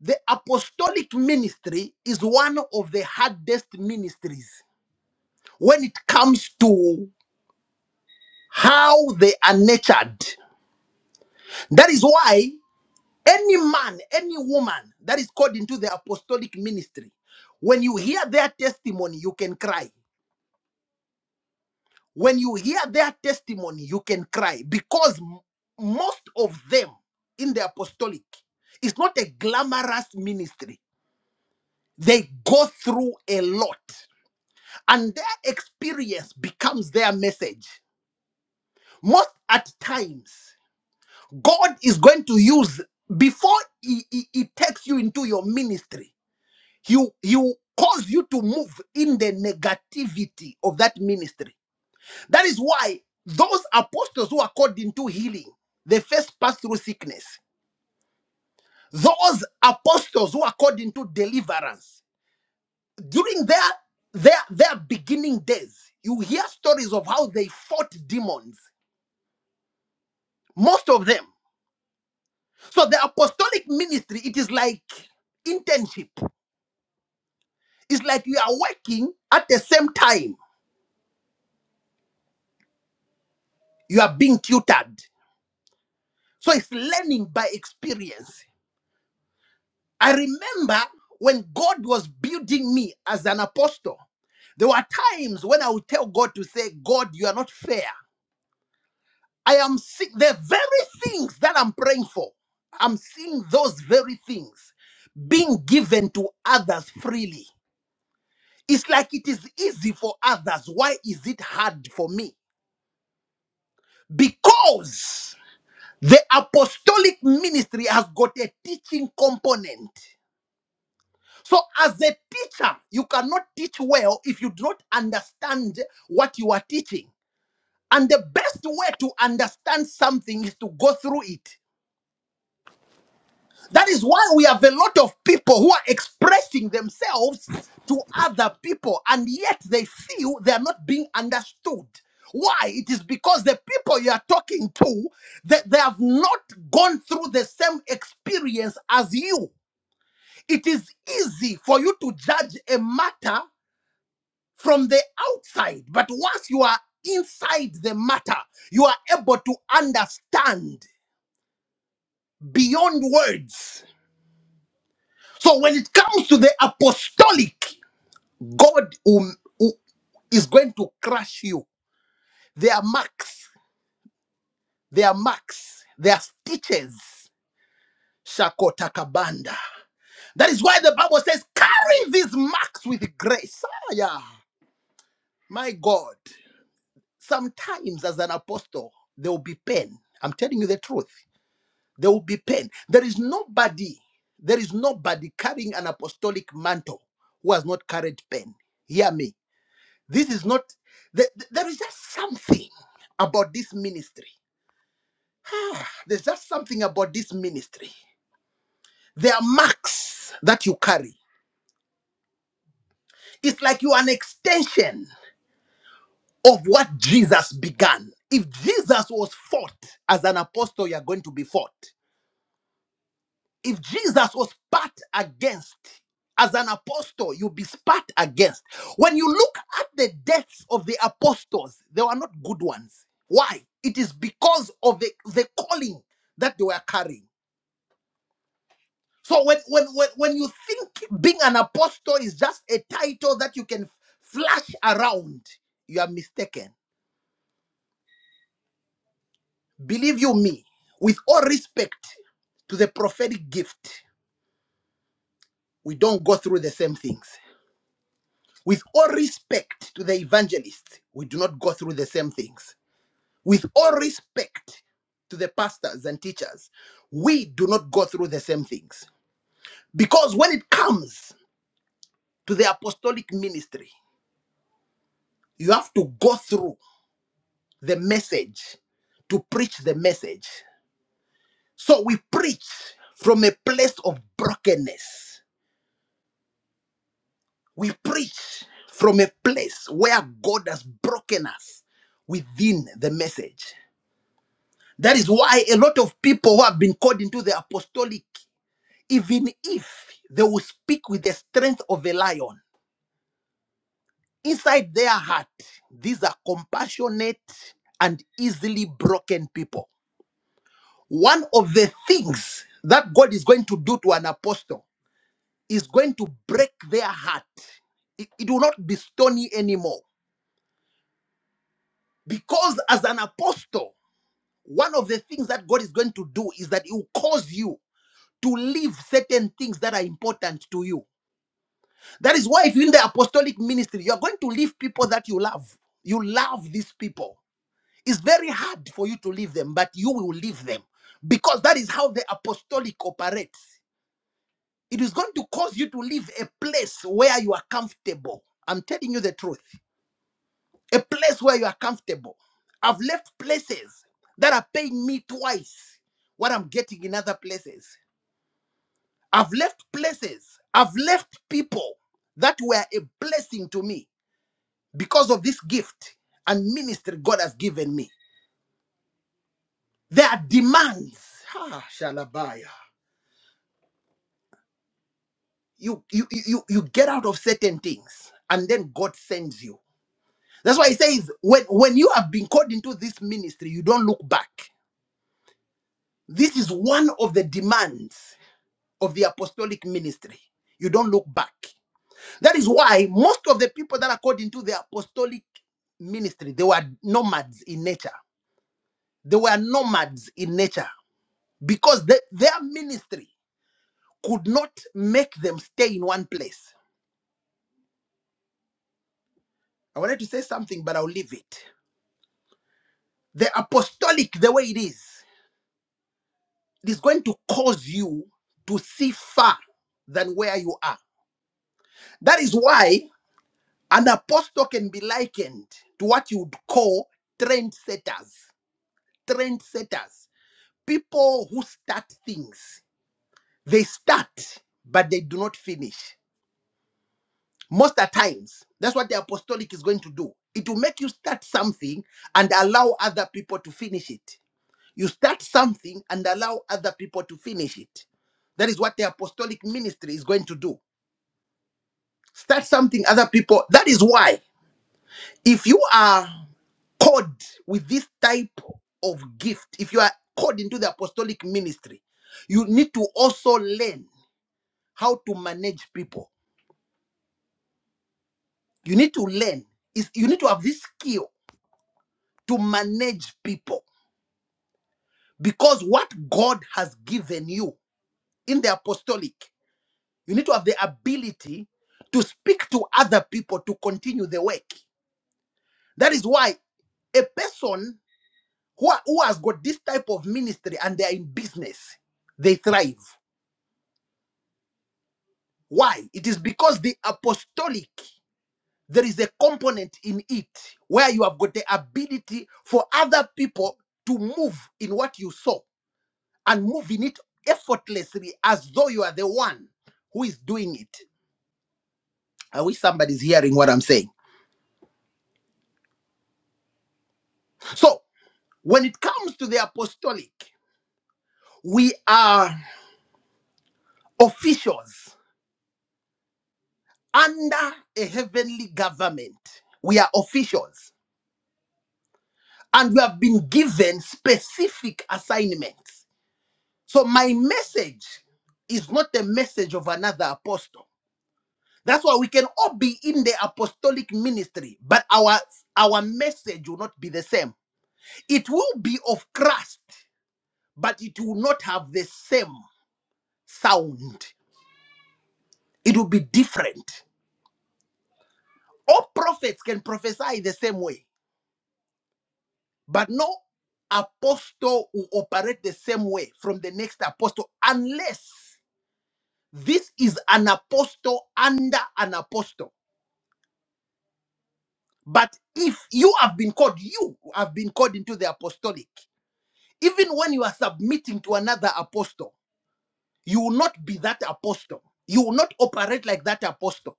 The apostolic ministry is one of the hardest ministries when it comes to how they are nurtured. That is why any man, any woman that is called into the apostolic ministry, when you hear their testimony, you can cry. When you hear their testimony, you can cry because m- most of them in the apostolic, it's not a glamorous ministry. They go through a lot, and their experience becomes their message. Most at times, God is going to use before he, he, he takes you into your ministry. He, he will cause you to move in the negativity of that ministry. That is why those apostles who are called into healing, they first pass through sickness. Those apostles who are called into deliverance, during their their their beginning days, you hear stories of how they fought demons. Most of them. So the apostolic ministry, it is like internship. It's like you are working at the same time you are being tutored. So it's learning by experience. I remember when God was building me as an apostle, there were times when I would tell God to say, God, you are not fair. I am seeing the very things that I'm praying for. I'm seeing those very things being given to others freely. It's like it is easy for others. Why is it hard for me? Because The apostolic ministry has got a teaching component. So, as a teacher, you cannot teach well if you do not understand what you are teaching. And the best way to understand something is to go through it. That is why we have a lot of people who are expressing themselves to other people and yet they feel they are not being understood. Why? It is because the people you are talking to that they have not gone through the same experience as you. It is easy for you to judge a matter from the outside, but once you are inside the matter, you are able to understand beyond words. So when it comes to the apostolic, God will- will- going to crush you. Their marks, their marks, their stitches. Shakotakabanda. That is why the Bible says, carry these marks with grace. Ah, yeah. My God. Sometimes as an apostle, there will be pain. I'm telling you the truth. There will be pain. There is nobody, there is nobody carrying an apostolic mantle who has not carried pain. Hear me This is not, th- th- there is just something about this ministry. Ah, there's just something about this ministry. There are marks that you carry. It's like you are an extension of what Jesus began. If Jesus was fought as an apostle, you are going to be fought. if Jesus was spat against, as an apostle, you'll be spat against. When you look at the deaths of the apostles, they were not good ones. Why? It is because of the, the calling that they were carrying. So when, when when when you think being an apostle is just a title that you can flash around, you are mistaken. Believe you me, with all respect to the prophetic gift, we don't go through the same things. With all respect to the evangelists, we do not go through the same things. With all respect to the pastors and teachers, we do not go through the same things. Because when it comes to the apostolic ministry, you have to go through the message to preach the message. So we preach from a place of brokenness. We preach from a place where God has broken us within the message. That is why a lot of people who have been called into the apostolic, even if they will speak with the strength of a lion, inside their heart, these are compassionate and easily broken people. One of the things that God is going to do to an apostle is going to break their heart. It, it will not be stony anymore. Because as an apostle, one of the things that God is going to do is that He will cause you to leave certain things that are important to you. That is why, if you're in the apostolic ministry, you're going to leave people that you love. You love these people. It's very hard for you to leave them, but you will leave them because that is how the apostolic operates. It is going to cause you to leave a place where you are comfortable. I'm telling you the truth. A place where you are comfortable. I've left places that are paying me twice what I'm getting in other places. I've left places, I've left people that were a blessing to me because of this gift and ministry God has given me. There are demands. Ah, Shalabaya. You, you you you you get out of certain things and then God sends you. That's why he says when when you have been called into this ministry, you don't look back. This is one of the demands of the apostolic ministry. You don't look back. That is why most of the people that are called into the apostolic ministry, they were nomads in nature. They were nomads in nature because the- their ministry could not make them stay in one place. I wanted to say something, but I'll leave it. The apostolic, the way it is, it is going to cause you to see far than where you are. That is why an apostle can be likened to what you would call trendsetters. Trendsetters people who start things, they start, but they do not finish. Most of the times, that's what the apostolic is going to do. It will make you start something and allow other people to finish it. You start something and allow other people to finish it. That is what the apostolic ministry is going to do. Start something, other people. That is why, if you are called with this type of gift, if you are called into the apostolic ministry, you need to also learn how to manage people. You need to learn. Is you need to have this skill to manage people because what God has given you in the apostolic, you need to have the ability to speak to other people to continue the work. That is why a person who, are- who has got this type of ministry and they are in business, they thrive. Why? It is because the apostolic there is a component in it where you have got the ability for other people to move in what you saw and move in it effortlessly as though you are the one who is doing it. I wish somebody's hearing what I'm saying. So, when it comes to the apostolic, we are officials under a heavenly government. We are officials and we have been given specific assignments So my message is not the message of another apostle. That's why we can all be in the apostolic ministry, but our our message will not be the same. It will be of Christ, but it will not have the same sound. It will be different. All prophets can prophesy the same way, but no apostle will operate the same way from the next apostle unless this is an apostle under an apostle. But if you have been called, you have been called into the apostolic. Even when you are submitting to another apostle, you will not be that apostle. You will not operate like that apostle.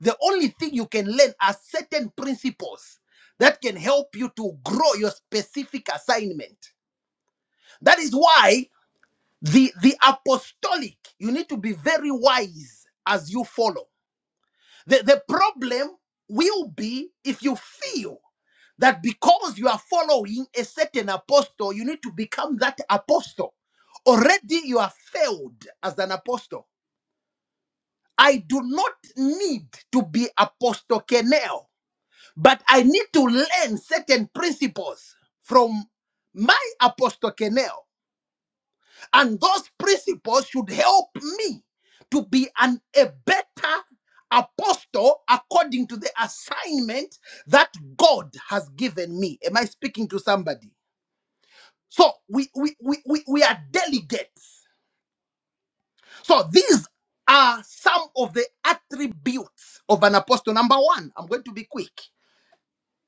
The only thing you can learn are certain principles that can help you to grow your specific assignment. That is why the, the apostolic, you need to be very wise as you follow. The, the problem will be if you feel that because you are following a certain apostle, you need to become that apostle. Already you are failed as an apostle. I do not need to be Apostle Kenel, but I need to learn certain principles from my Apostle Kenel. And those principles should help me to be an, a better apostle according to the assignment that God has given me. Am I speaking to somebody? So we we we we, we are delegates. So these are some of the attributes of an apostle. Number one, I'm going to be quick.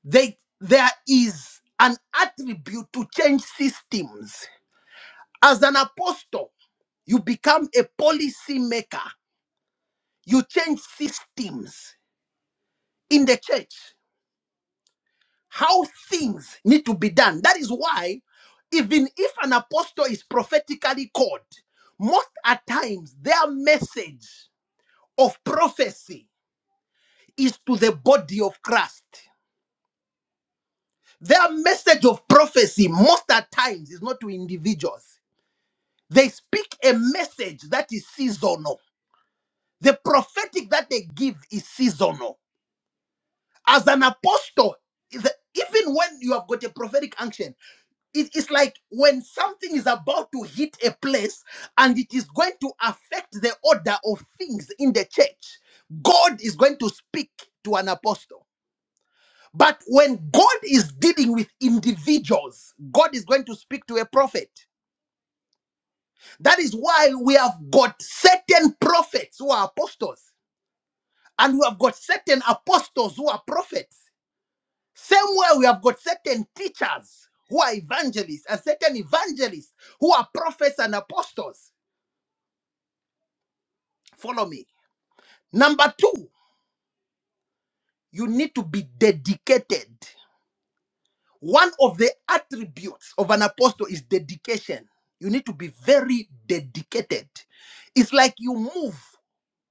They there is an attribute to change systems. As an apostle, you become a policy maker. You change systems in the church, how things need to be done. That is why, even if an apostle is prophetically called, most at times their message of prophecy is to the body of Christ. Their message of prophecy, most at times, is not to individuals. They speak a message that is seasonal. The prophetic that they give is seasonal. as an apostle, is even when you have got a prophetic unction, it is like when something is about to hit a place and it is going to affect the order of things in the church, God is going to speak to an apostle. But when God is dealing with individuals, God is going to speak to a prophet. That is why we have got certain prophets who are apostles, and we have got certain apostles who are prophets. Same way we have got certain teachers who are evangelists and certain evangelists who are prophets and apostles. Follow me. Number two, you need to be dedicated. One of the attributes of an apostle is dedication. You need to be very dedicated. It's like you move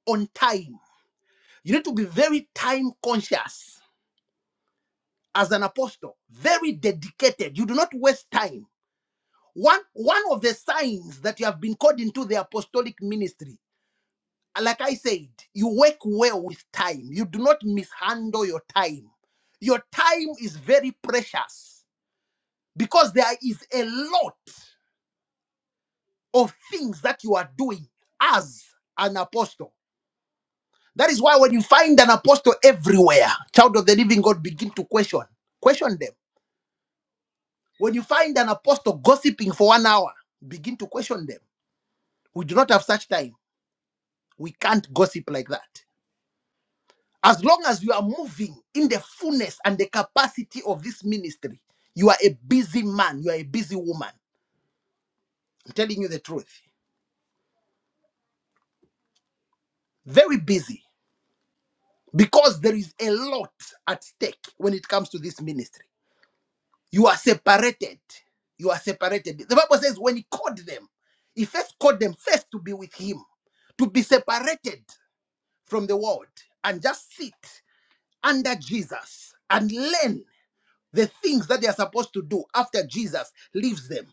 on time. You need to be very time conscious as an apostle, very dedicated. You do not waste time. One, one of the signs that you have been called into the apostolic ministry, like I said, you work well with time. You do not mishandle your time. Your time is very precious because there is a lot of things that you are doing as an apostle. That is why when you find an apostle everywhere, child of the living God, begin to question. Question them. When you find an apostle gossiping for one hour, begin to question them. We do not have such time. We can't gossip like that. As long as you are moving in the fullness and the capacity of this ministry, you are a busy man, you are a busy woman. I'm telling you the truth. Very busy because there is a lot at stake when it comes to this ministry. You are separated. You are separated. The Bible says when he called them, he first called them first to be with him, to be separated from the world and just sit under Jesus and learn the things that they are supposed to do after Jesus leaves them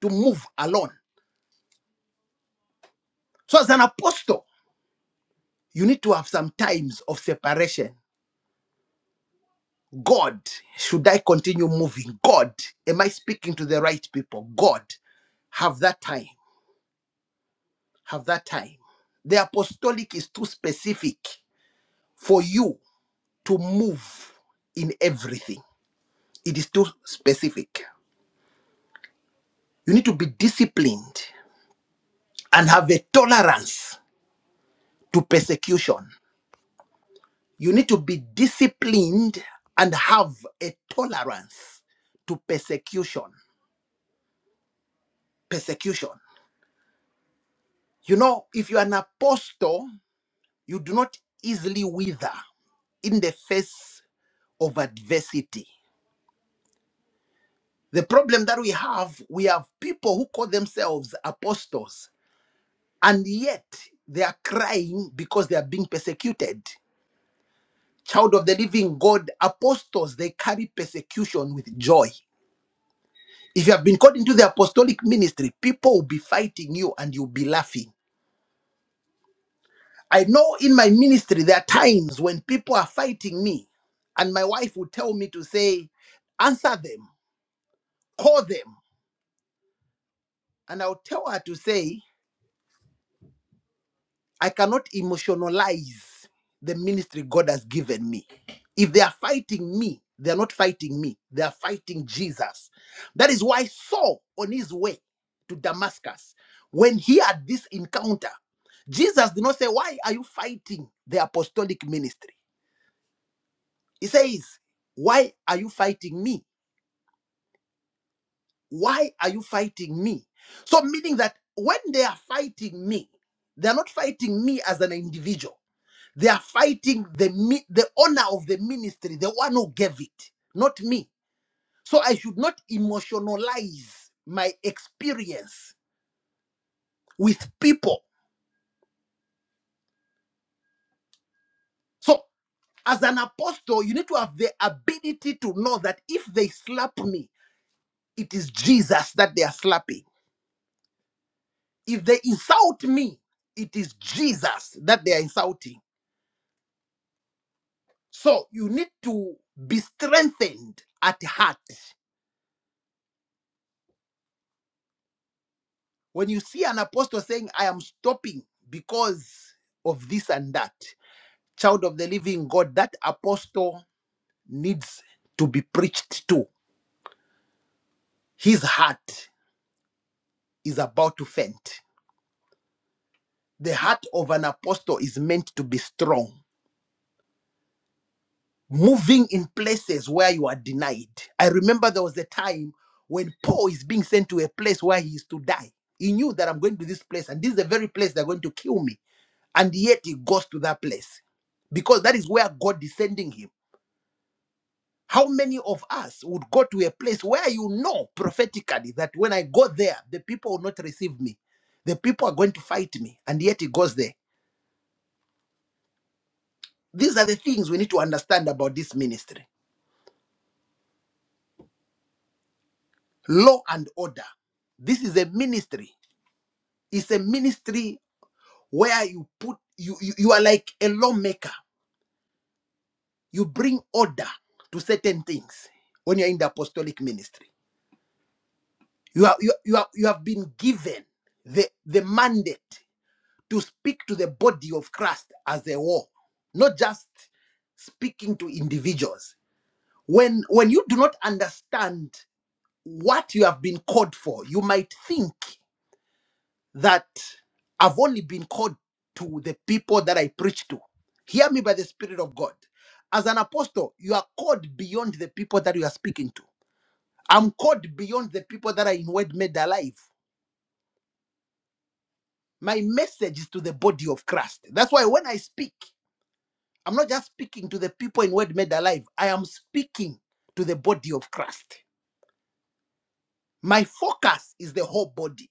to move alone. So, as an apostle, you need to have some times of separation. God, should I continue moving? God, am I speaking to the right people? God, have that time. Have that time. The apostolic is too specific for you to move in everything, it is too specific. You need to be disciplined and have a tolerance to persecution. You need to be disciplined and have a tolerance to persecution. Persecution. You know, if you are an apostle, you do not easily wither in the face of adversity. The problem that we have, we have people who call themselves apostles, and yet they are crying because they are being persecuted. Child of the living God, apostles, they carry persecution with joy. If you have been called into the apostolic ministry, people will be fighting you and you'll be laughing. I know in my ministry, there are times when people are fighting me, and my wife will tell me to say, Answer them, call them. And I'll tell her to say, I cannot emotionalize the ministry God has given me. If they are fighting me, they are not fighting me, they are fighting Jesus. That is why Saul, on his way to Damascus, when he had this encounter, Jesus did not say, Why are you fighting the apostolic ministry? He says, Why are you fighting me? Why are you fighting me? So, meaning that when they are fighting me, they are not fighting me as an individual They are fighting the mi- the honor of the ministry, the one who gave it, not me. So I should not emotionalize my experience with people. So as an apostle, you need to have the ability to know that if they slap me, it is Jesus that they are slapping. If they insult me, it is Jesus that they are insulting. So you need to be strengthened at heart. When you see an apostle saying, I am stopping because of this and that, child of the living God, that apostle needs to be preached to. His heart is about to faint. The heart of an apostle is meant to be strong, moving in places where you are denied. I remember there was a time when Paul is being sent to a place where he is to die. He knew that I'm going to this place, and this is the very place they're going to kill me. and yet he goes to that place because that is where God is sending him. How many of us would go to a place where you know prophetically that when I go there, the people will not receive me, the people are going to fight me, and yet he goes there? These are the things we need to understand about this ministry law and order. This is a ministry, it's a ministry where you put you, you, you are like a lawmaker, you bring order to certain things when you're in the apostolic ministry You have, you, you have, you have been given the, the mandate to speak to the body of Christ as a whole, not just speaking to individuals. When, when you do not understand what you have been called for, you might think that I've only been called to the people that I preach to. Hear me by the Spirit of God. As an apostle, you are called beyond the people that you are speaking to. I'm called beyond the people that are in word made alive. My message is to the body of Christ. That's why when I speak, I'm not just speaking to the people in Word Made Alive, I am speaking to the body of Christ. My focus is the whole body.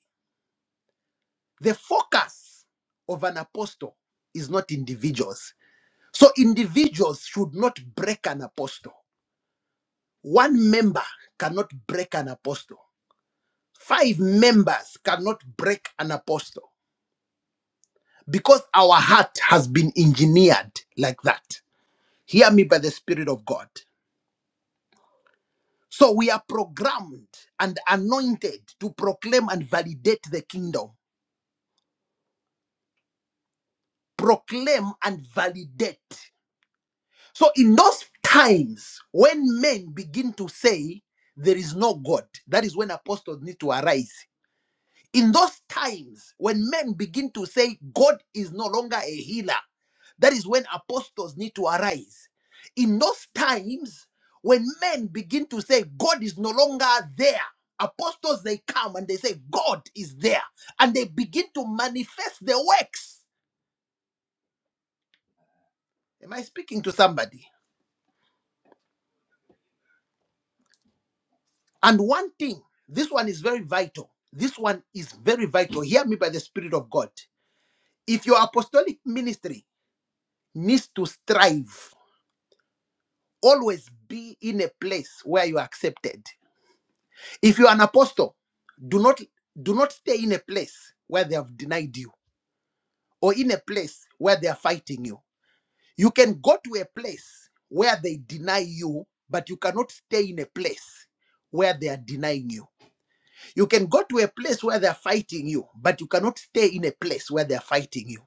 The focus of an apostle is not individuals. So individuals should not break an apostle. One member cannot break an apostle. Five members cannot break an apostle because our heart has been engineered like that. Hear me by the Spirit of God. So we are programmed and anointed to proclaim and validate the kingdom. Proclaim and validate. So in those times when men begin to say there is no God, that is when apostles need to arise In those times when men begin to say God is no longer a healer, that is when apostles need to arise. In those times when men begin to say God is no longer there, apostles they come and they say God is there and they begin to manifest their works. Am I speaking to somebody? And one thing, this one is very vital. This one is very vital. Hear me by the Spirit of God. If your apostolic ministry needs to strive, always be in a place where you are accepted if you are an apostle do not do not stay in a place where they have denied you or in a place where they are fighting you you can go to a place where they deny you but you cannot stay in a place where they are denying you you can go to a place where they are fighting you but you cannot stay in a place where they are fighting you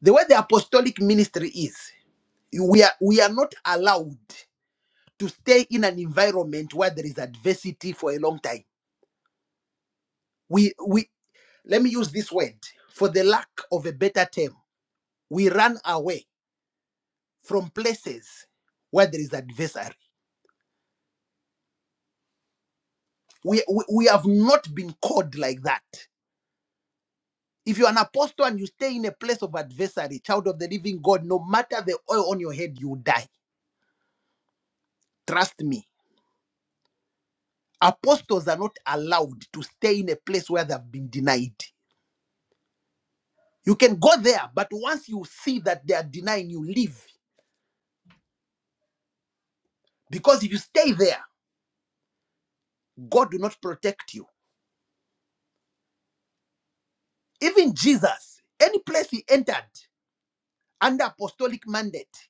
the way the apostolic ministry is you- we are we are not allowed to stay in an environment where there is adversity for a long time. We we let me use this word for the lack of a better term. We run away from places where there is adversary. We, we we have not been called like that. If you're an apostle and you stay in a place of adversary, child of the living God, no matter the oil on your head, you die. Trust me. Apostles are not allowed to stay in a place where they've been denied. You can go there, but once you see that they are denying you, leave Because if you stay there, God will not protect you. Even Jesus, any place he entered under apostolic mandate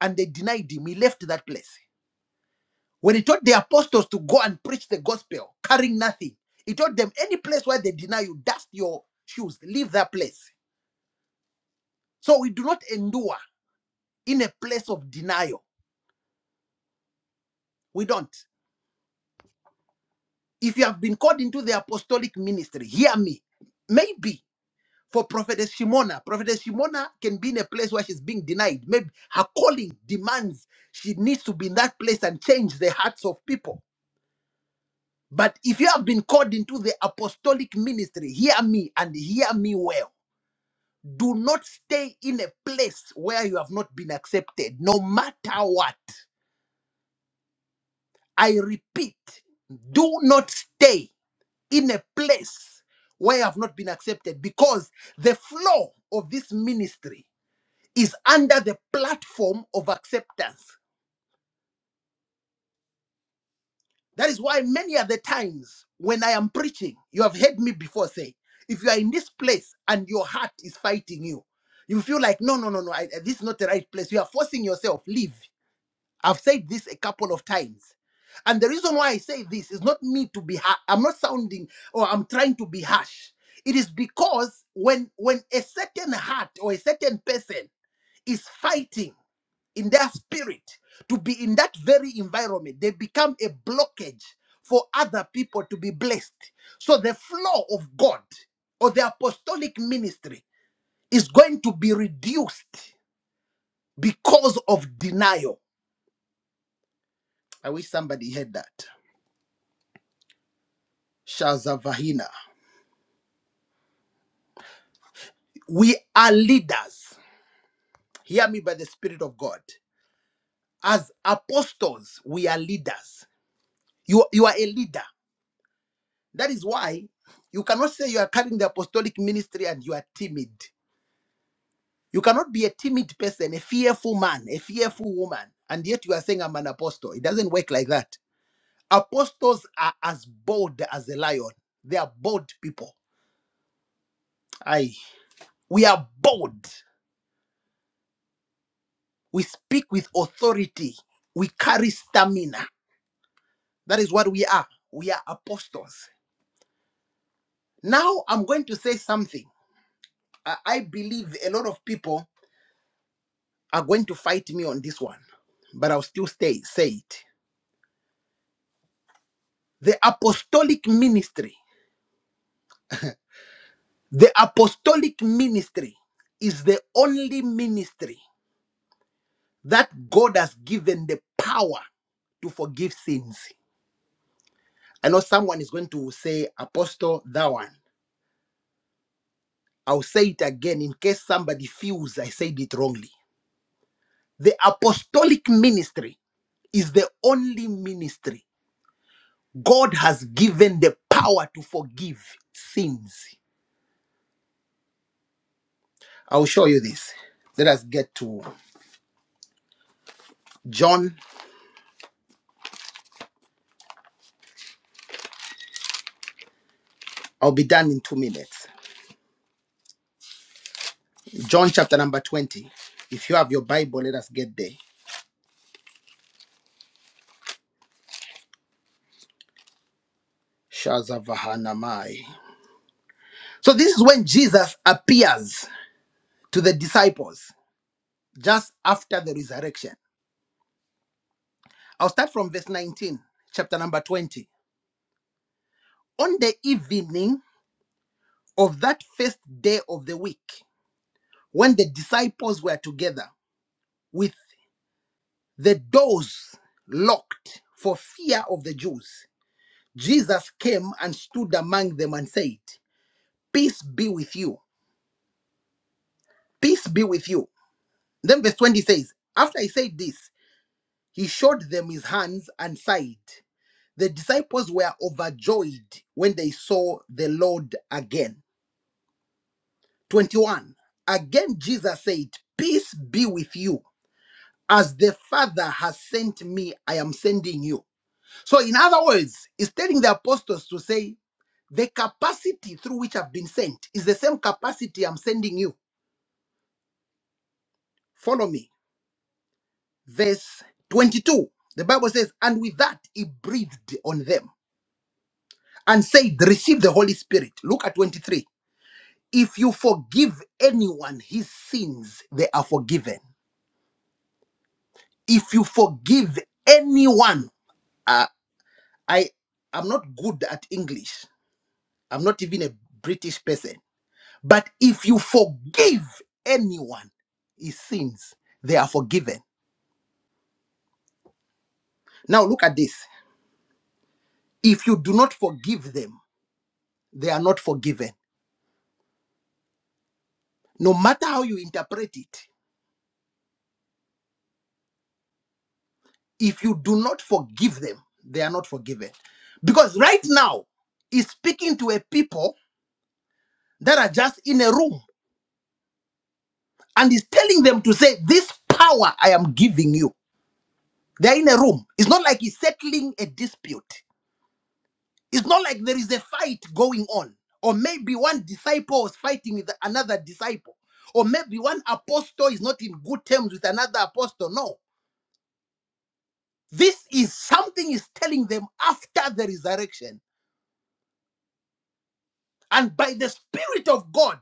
and they denied him, he left that place. When he taught the apostles to go and preach the gospel, carrying nothing, he taught them any place where they deny you, dust your shoes, leave that place. So we do not endure in a place of denial. We don't. If you have been called into the apostolic ministry, hear me. Maybe for Prophetess Shimona. Prophetess Shimona can be in a place where she's being denied. Maybe her calling demands she needs to be in that place and change the hearts of people. But if you have been called into the apostolic ministry, hear me and hear me well. Do not stay in a place where you have not been accepted, no matter what. I repeat, do not stay in a place where you have not been accepted because the flow of this ministry is under the platform of acceptance. That is why many other times when I am preaching, you have heard me before say, if you are in this place and your heart is fighting you, you feel like, no, no, no, no, I, this is not the right place. You are forcing yourself, leave. I've said this a couple of times. And the reason why I say this is not me to be, ha- I'm not sounding or I'm trying to be harsh. It is because when when a certain heart or a certain person is fighting. in their spirit to be in that very environment they become a blockage for other people to be blessed so the flow of god or the apostolic ministry is going to be reduced because of denial i wish somebody heard that shazavahina we are leaders hear me by the spirit of god as apostles we are leaders you, you are a leader That is why you cannot say you are carrying the apostolic ministry and you are timid. You cannot be a timid person, a fearful man, a fearful woman, and yet you are saying, I'm an apostle. It doesn't work like that. Apostles are as bold as a lion, they are bold people. Aye. We are bold. We speak with authority. We carry stamina. That is what we are. We are apostles. Now I'm going to say something. I I believe a lot of people are going to fight me on this one, but I'll still stay, say it. The apostolic ministry, the apostolic ministry is the only ministry that God has given the power to forgive sins. I know someone is going to say, Apostle, that one. I'll say it again in case somebody feels I said it wrongly. The apostolic ministry is the only ministry God has given the power to forgive sins. I'll show you this. Let us get to John. I'll be done in two minutes. John chapter number 20. If you have your Bible, let us get there. Shazavahanamai. So this is when Jesus appears to the disciples just after the resurrection. I'll start from verse 19, chapter number 20. On the evening of that first day of the week, when the disciples were together with the doors locked for fear of the Jews, Jesus came and stood among them and said, Peace be with you. Peace be with you. Then verse 20 says, After he said this, he showed them his hands and side. The disciples were overjoyed when they saw the Lord again. 21. Again, Jesus said, Peace be with you. As the Father has sent me, I am sending you. So, in other words, he's telling the apostles to say, the capacity through which I've been sent is the same capacity I'm sending you. Follow me. Verse 22, the Bible says, And with that he breathed on them and said, Receive the Holy Spirit. Look at 23. If you forgive anyone his sins, they are forgiven. If you forgive anyone, uh, I am not good at English. I'm not even a British person. But if you forgive anyone his sins, they are forgiven. Now look at this. If you do not forgive them, they are not forgiven. No matter how you interpret it, if you do not forgive them, they are not forgiven. Because right now, he's speaking to a people that are just in a room and he's telling them to say, This power I am giving you. They're in a room. It's not like he's settling a dispute. It's not like there is a fight going on, or maybe one disciple is fighting with another disciple, or maybe one apostle is not in good terms with another apostle. No, this is something is telling them after the resurrection and by the Spirit of God.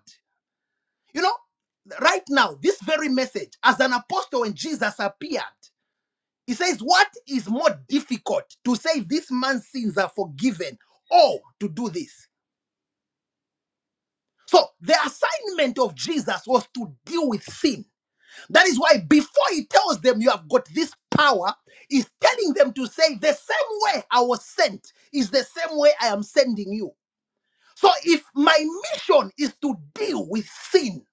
You know, right now, this very message, as an apostle when Jesus appeared, he says, What is more difficult to say this man's sins are forgiven or to do this? So the assignment of Jesus was to deal with sin. That is why before he tells them you have got this power, he's telling them to say the same way I was sent is the same way I am sending you. So if my mission is to deal with sin,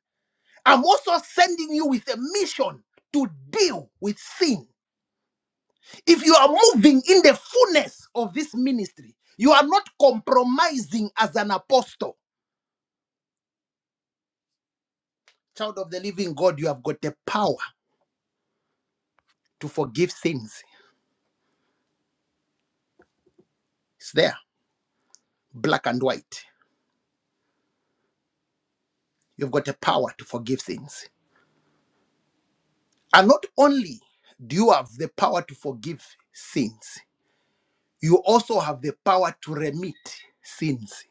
I'm also sending you with a mission to deal with sin. If you are moving in the fullness of this ministry, you are not compromising as an apostle. Child of the living God, you have got the power to forgive sins. It's there, black and white. You've got a power to forgive sins. And not only do you have the power to forgive sins, you also have the power to remit sins.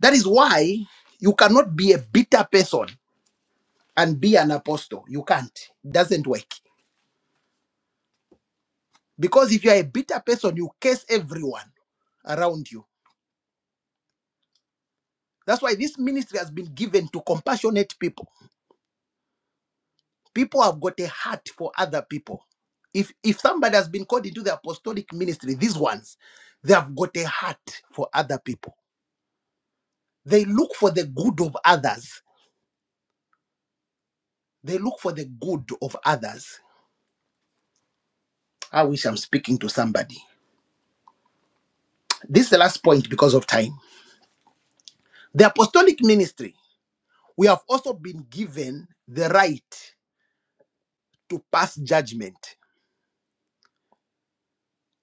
That is why you cannot be a bitter person and be an apostle. You can't. It doesn't work. Because if you are a bitter person, you curse everyone around you. That's why this ministry has been given to compassionate people people have got a heart for other people. If if somebody has been called into the apostolic ministry, these ones, they have got a heart for other people. They look for the good of others. They look for the good of others. I wish I'm speaking to somebody. This is the last point because of time. The apostolic ministry, we have also been given the right to pass judgment.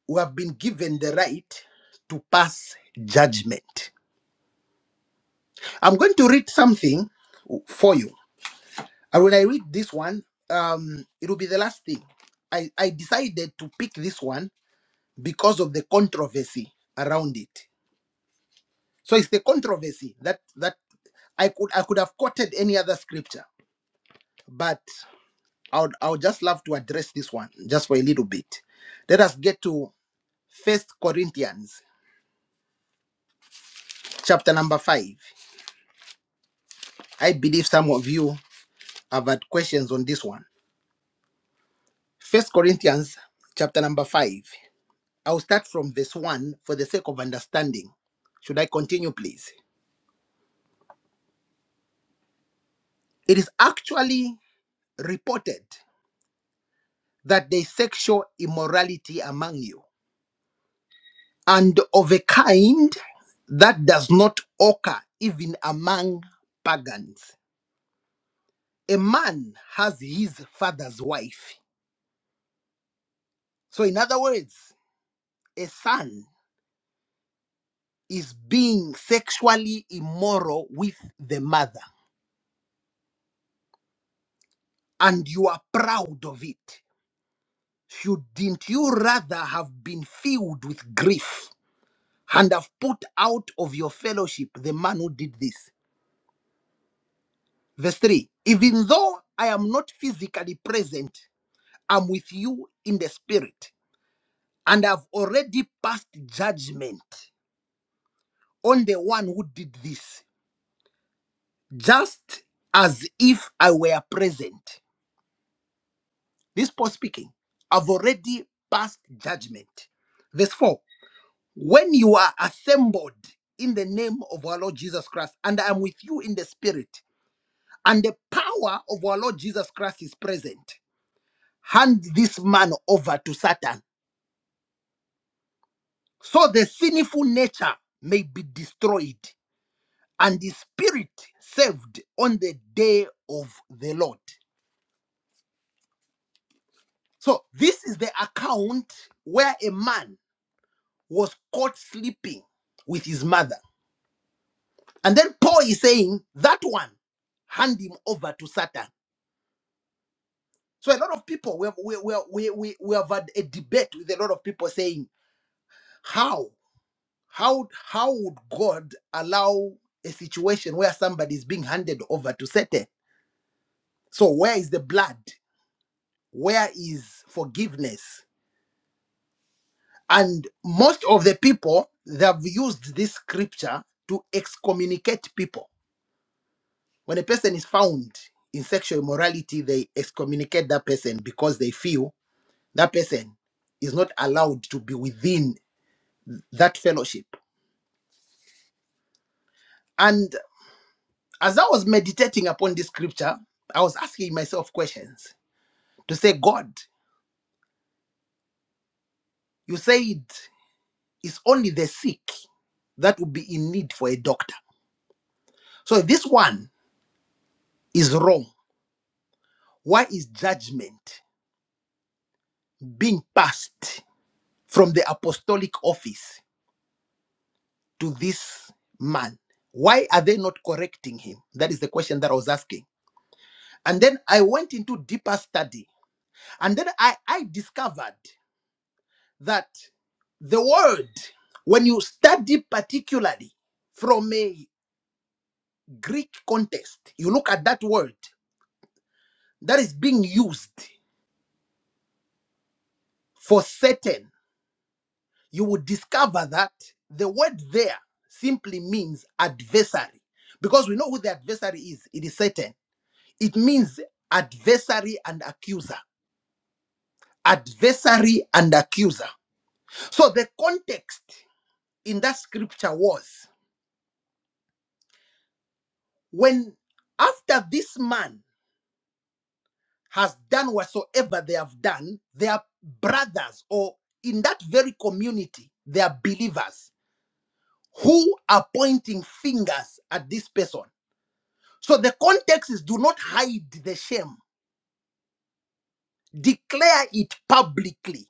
We have been given the right to pass judgment. I'm going to read something for you And when I read this one, um, it will be the last thing. I, I decided to pick this one because of the controversy around it. So it's the controversy that that I could I could have quoted any other scripture, but I would I would just love to address this one just for a little bit. Let us get to First Corinthians chapter number five. I believe some of you have had questions on this one. First Corinthians chapter number five. I'll start from verse 1 for the sake of understanding. Should I continue, please? It is actually reported that there is sexual immorality among you, and of a kind that does not occur even among pagans. A man has his father's wife. So, in other words, a son is being sexually immoral with the mother, and you are proud of it. shouldn't you rather have been filled with grief and have put out of your fellowship the man who did this? Verse 3 Even though I am not physically present, I'm with you in the spirit, and I've already passed judgment on the one who did this, just as if I were present. This Paul speaking. I've already passed judgment. Verse 4 When you are assembled in the name of our Lord Jesus Christ, and I am with you in the spirit, and the power of our Lord Jesus Christ is present, hand this man over to Satan. So the sinful nature may be destroyed and the spirit saved on the day of the Lord. So this is the account where a man was caught sleeping with his mother. And then Paul is saying, that one, hand him over to Satan. So a lot of people we have we we we we, we have had a debate with a lot of people saying how how how would God allow a situation where somebody is being handed over to Satan? So where is the blood? Where is forgiveness? And most of the people they have used this scripture to excommunicate people. When a person is found in sexual immorality, they excommunicate that person because they feel that person is not allowed to be within that fellowship. And as I was meditating upon this scripture, I was asking myself questions to say, God, you said it's only the sick that would be in need for a doctor. So if this one is wrong, why is judgment being passed from the apostolic office to this man? Why are they not correcting him? That is the question that I was asking. And then I went into deeper study. And then I, I discovered that the word, when you study particularly from a Greek context, you look at that word that is being used for Satan. you would discover that the word there simply means adversary. Because we know who the adversary is, it is Satan. It means adversary and accuser. Adversary and accuser. So the context in that scripture was when after this man has done whatsoever they have done, they are brothers or in that very community, they are believers who are pointing fingers at this person. So the context is do not hide the shame, declare it publicly.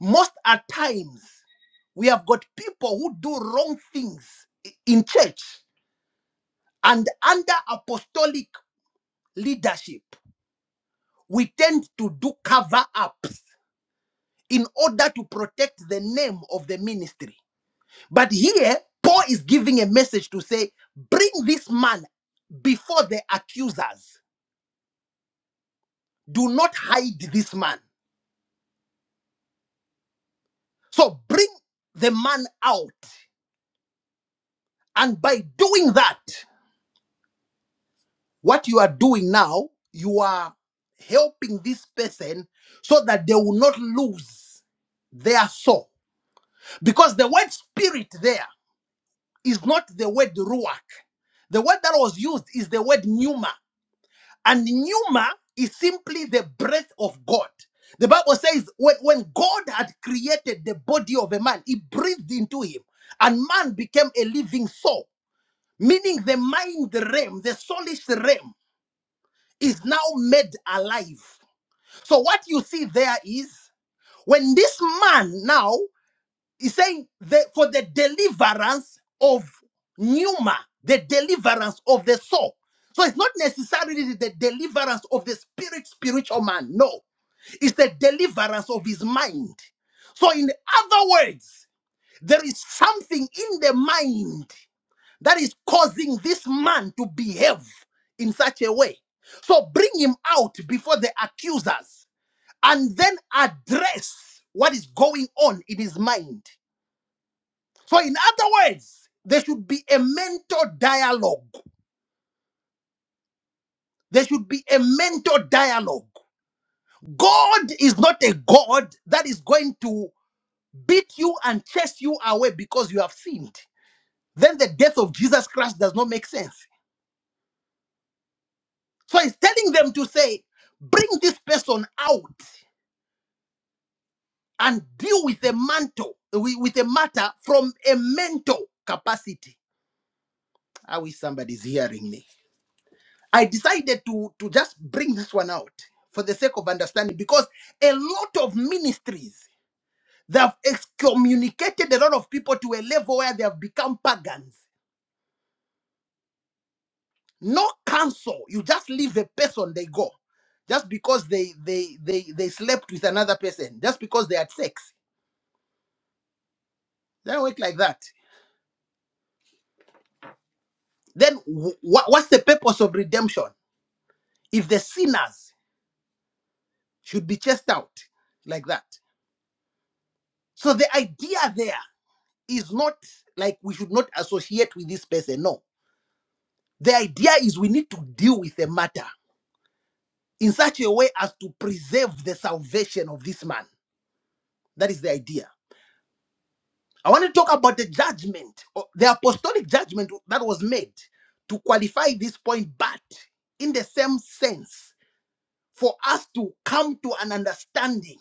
Most at times, we have got people who do wrong things i- in church and under apostolic leadership we tend to do cover ups in order to protect the name of the ministry But here, Paul is giving a message to say, bring this man before the accusers. Do not hide this man. So bring the man out. And by doing that, what you are doing now, you are helping this person so that they will not lose their soul. Because the word spirit there is not the word ruach. The word that was used is the word pneuma. And pneuma is simply the breath of God. The Bible says when, when God had created the body of a man, he breathed into him, and man became a living soul, meaning the mind realm, the soulish realm, is now made alive. So, what you see there is when this man now He's saying that for the deliverance of Numa, the deliverance of the soul. So it's not necessarily the deliverance of the spirit, spiritual man. No, it's the deliverance of his mind. So, in other words, there is something in the mind that is causing this man to behave in such a way. So, bring him out before the accusers and then address what is going on in his mind. So, in other words, there should be a mentor dialogue. There should be a mentor dialogue. God is not a God that is going to beat you and chase you away because you have sinned. Then the death of Jesus Christ does not make sense. So, he's telling them to say, bring this person out and deal with a mantle, with with a matter from a mentor capacity. I wish somebody's hearing me. I decided to, to just bring this one out for the sake of understanding because a lot of ministries they have excommunicated a lot of people to a level where they have become pagans. No counsel. You just leave a person, they go. Just because they they they they slept with another person, just because they had sex. They don't work like that. Then wh- wha- what's the purpose of redemption if the sinners should be chased out like that? So the idea there is not like we should not associate with this person. No. The idea is we need to deal with the matter in such a way as to preserve the salvation of this man. That is the idea. I want to talk about the judgment, or the apostolic judgment that was made to qualify this point, but in the same sense, for us to come to an understanding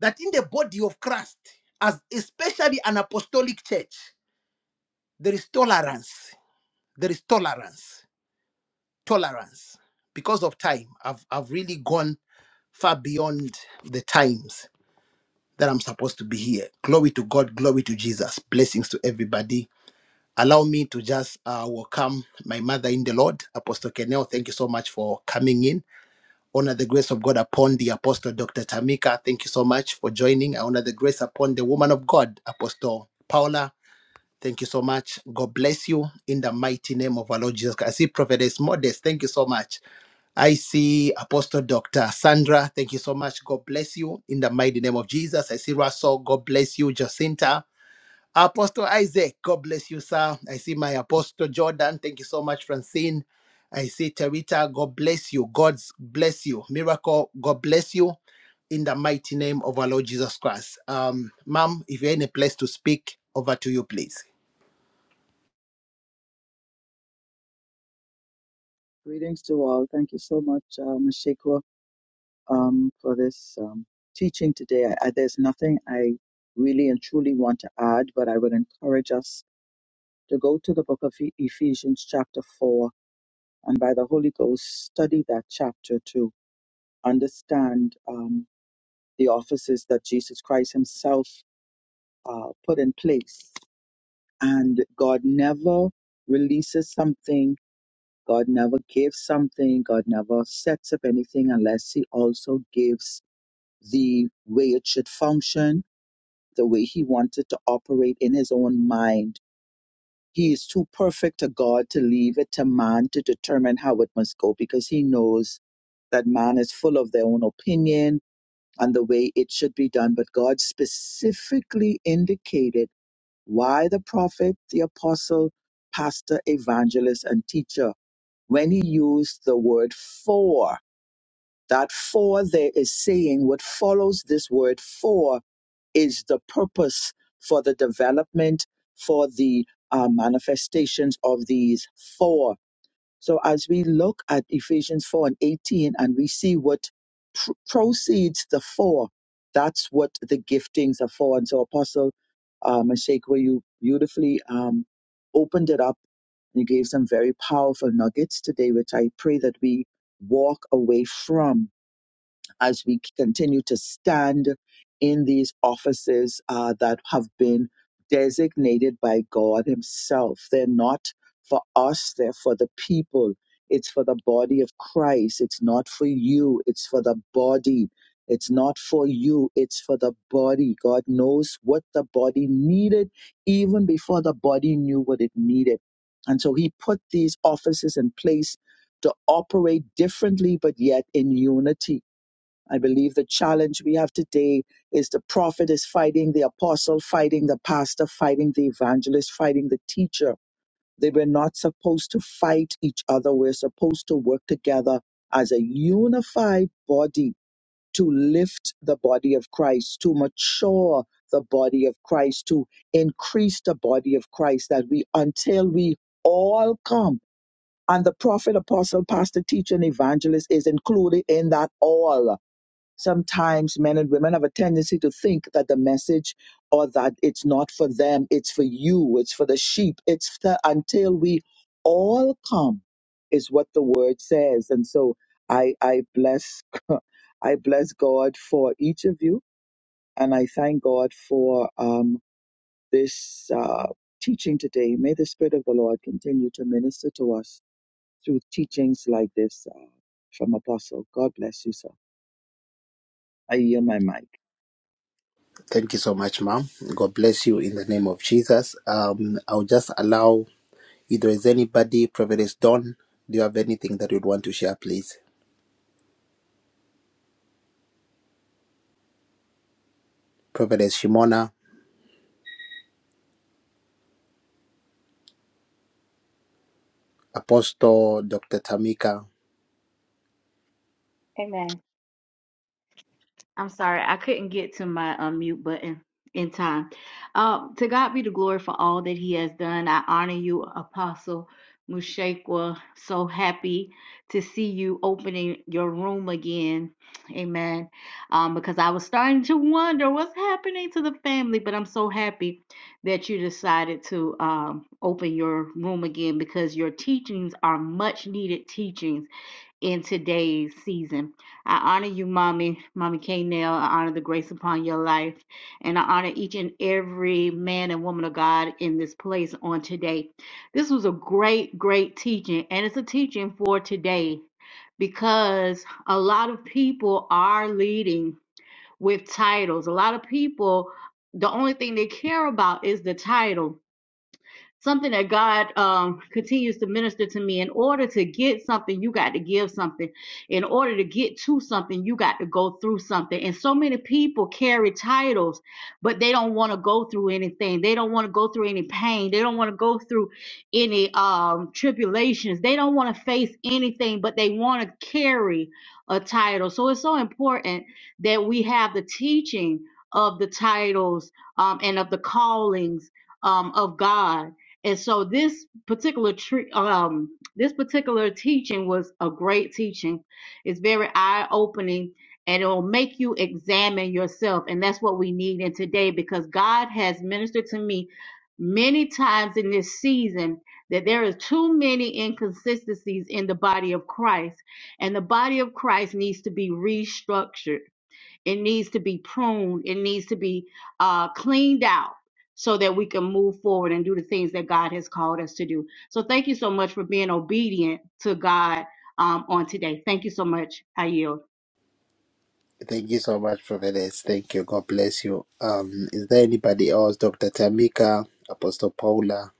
that in the body of Christ, as especially an apostolic church, there is tolerance. There is tolerance tolerance because of time i've i've really gone far beyond the times that i'm supposed to be here glory to god glory to jesus blessings to everybody allow me to just uh, welcome my mother in the lord apostle kenel thank you so much for coming in honor the grace of god upon the apostle dr tamika thank you so much for joining i honor the grace upon the woman of god apostle paula Thank you so much. God bless you in the mighty name of our Lord Jesus Christ. I see Prophetess Modest. Thank you so much. I see Apostle Dr. Sandra. Thank you so much. God bless you in the mighty name of Jesus. I see Russell. God bless you, Jacinta. Apostle Isaac. God bless you, sir. I see my Apostle Jordan. Thank you so much, Francine. I see Terita. God bless you. God bless you. Miracle. God bless you in the mighty name of our Lord Jesus Christ. Um, ma'am, if you're in a place to speak, over to you, please.
Greetings to all. Thank you so much, uh, Mashikwa, um, for this um, teaching today. I, I, there's nothing I really and truly want to add, but I would encourage us to go to the book of E- Ephesians, chapter 4, and by the Holy Ghost, study that chapter to understand um, the offices that Jesus Christ Himself uh, put in place. And God never releases something God never gives something, God never sets up anything unless He also gives the way it should function, the way He wanted to operate in His own mind. He is too perfect a God to leave it to man to determine how it must go because He knows that man is full of their own opinion and the way it should be done. But God specifically indicated why the prophet, the apostle, pastor, evangelist, and teacher when he used the word for. That for there is saying what follows this word for is the purpose for the development, for the uh, manifestations of these four. So as we look at Ephesians 4 and 18 and we see what pr- proceeds the four, that's what the giftings are for. And so Apostle uh, Meshach, you beautifully um, opened it up and you gave some very powerful nuggets today, which I pray that we walk away from as we continue to stand in these offices uh, that have been designated by God Himself. They're not for us, they're for the people. It's for the body of Christ. It's not for you, it's for the body. It's not for you, it's for the body. God knows what the body needed even before the body knew what it needed. And so He put these offices in place to operate differently, but yet in unity I believe the challenge we have today is the prophet is fighting the apostle, fighting the pastor, fighting the evangelist, fighting the teacher. They were not supposed to fight each other. We're supposed to work together as a unified body to lift the body of Christ, to mature the body of Christ, to increase the body of Christ, that we, until we all come, and the prophet, apostle, pastor, teacher, and evangelist is included in that all sometimes men and women have a tendency to think that the message or that it's not for them, it's for you, it's for the sheep, it's for, until we all come, is what the word says. And so I, I bless, I bless God for each of you, and I thank God for um, this uh, teaching today. May the Spirit of the Lord continue to minister to us through teachings like this uh, from Apostle. God bless you, sir. I yield my mic.
Thank you so much, ma'am. God bless you in the name of Jesus. Um, I'll just allow If there is anybody, Prophetess Dawn, do you have anything that you'd want to share, please? Prophetess Shimona, Apostle Dr. Tamika.
Amen. I'm sorry, I couldn't get to my unmute button in time. Um, to God be the glory for all that He has done. I honor you, Apostle Mushakwa. So happy to see you opening your room again. Amen. Um, because I was starting to wonder what's happening to the family, but I'm so happy that you decided to um, open your room again because your teachings are much needed teachings in today's season. I honor you, Mommy, Mommy K. Nail. I honor the grace upon your life. And I honor each and every man and woman of God in this place on today. This was a great, great teaching. And it's a teaching for today because a lot of people are leading with titles. A lot of people, the only thing they care about is the title something that God um, continues to minister to me. In order to get something, you got to give something. In order to get to something, you got to go through something. And so many people carry titles, but they don't want to go through anything. They don't want to go through any pain. They don't want to go through any um, tribulations. They don't want to face anything, but they want to carry a title. So it's so important that we have the teaching of the titles um, and of the callings um, of God and so this particular tre- um this particular teaching was a great teaching. It's very eye-opening and it'll make you examine yourself and that's what we need in today because God has ministered to me many times in this season that there is too many inconsistencies in the body of Christ and the body of Christ needs to be restructured it needs to be pruned. It needs to be uh, cleaned out so that we can move forward and do the things that God has called us to do. So thank you so much for being obedient to God um, on today. Thank you so much. I yield.
Thank you so much, Prophetess. Thank you. God bless you. Um, is there anybody else, Dr. Tamika, Apostle Paula?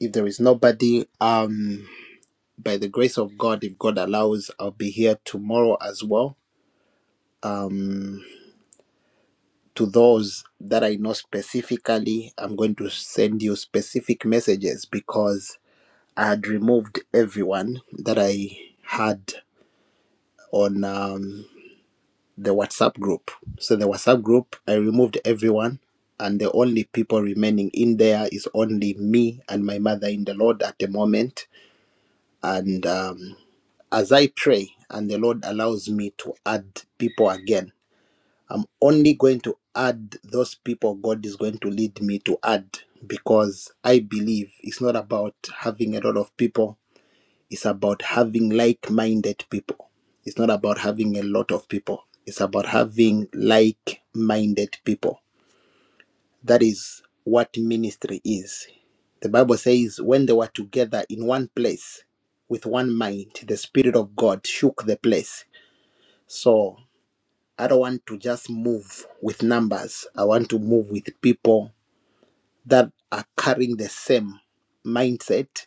If there is nobody, um, by the grace of God, if God allows, I'll be here tomorrow as well. Um, to those that I know specifically, I'm going to send you specific messages because I had removed everyone that I had on um, the WhatsApp group. So the WhatsApp group, I removed everyone, and the only people remaining in there is only me and my mother in the Lord at the moment. And um, as I pray, and the Lord allows me to add people again, I'm only going to add those people God is going to lead me to add because I believe it's not about having a lot of people It's about having like minded people. It's not about having a lot of people. It's about having like minded people. That is what ministry is. The Bible says, when they were together in one place with one mind, the Spirit of God shook the place. So I don't want to just move with numbers. I want to move with people that are carrying the same mindset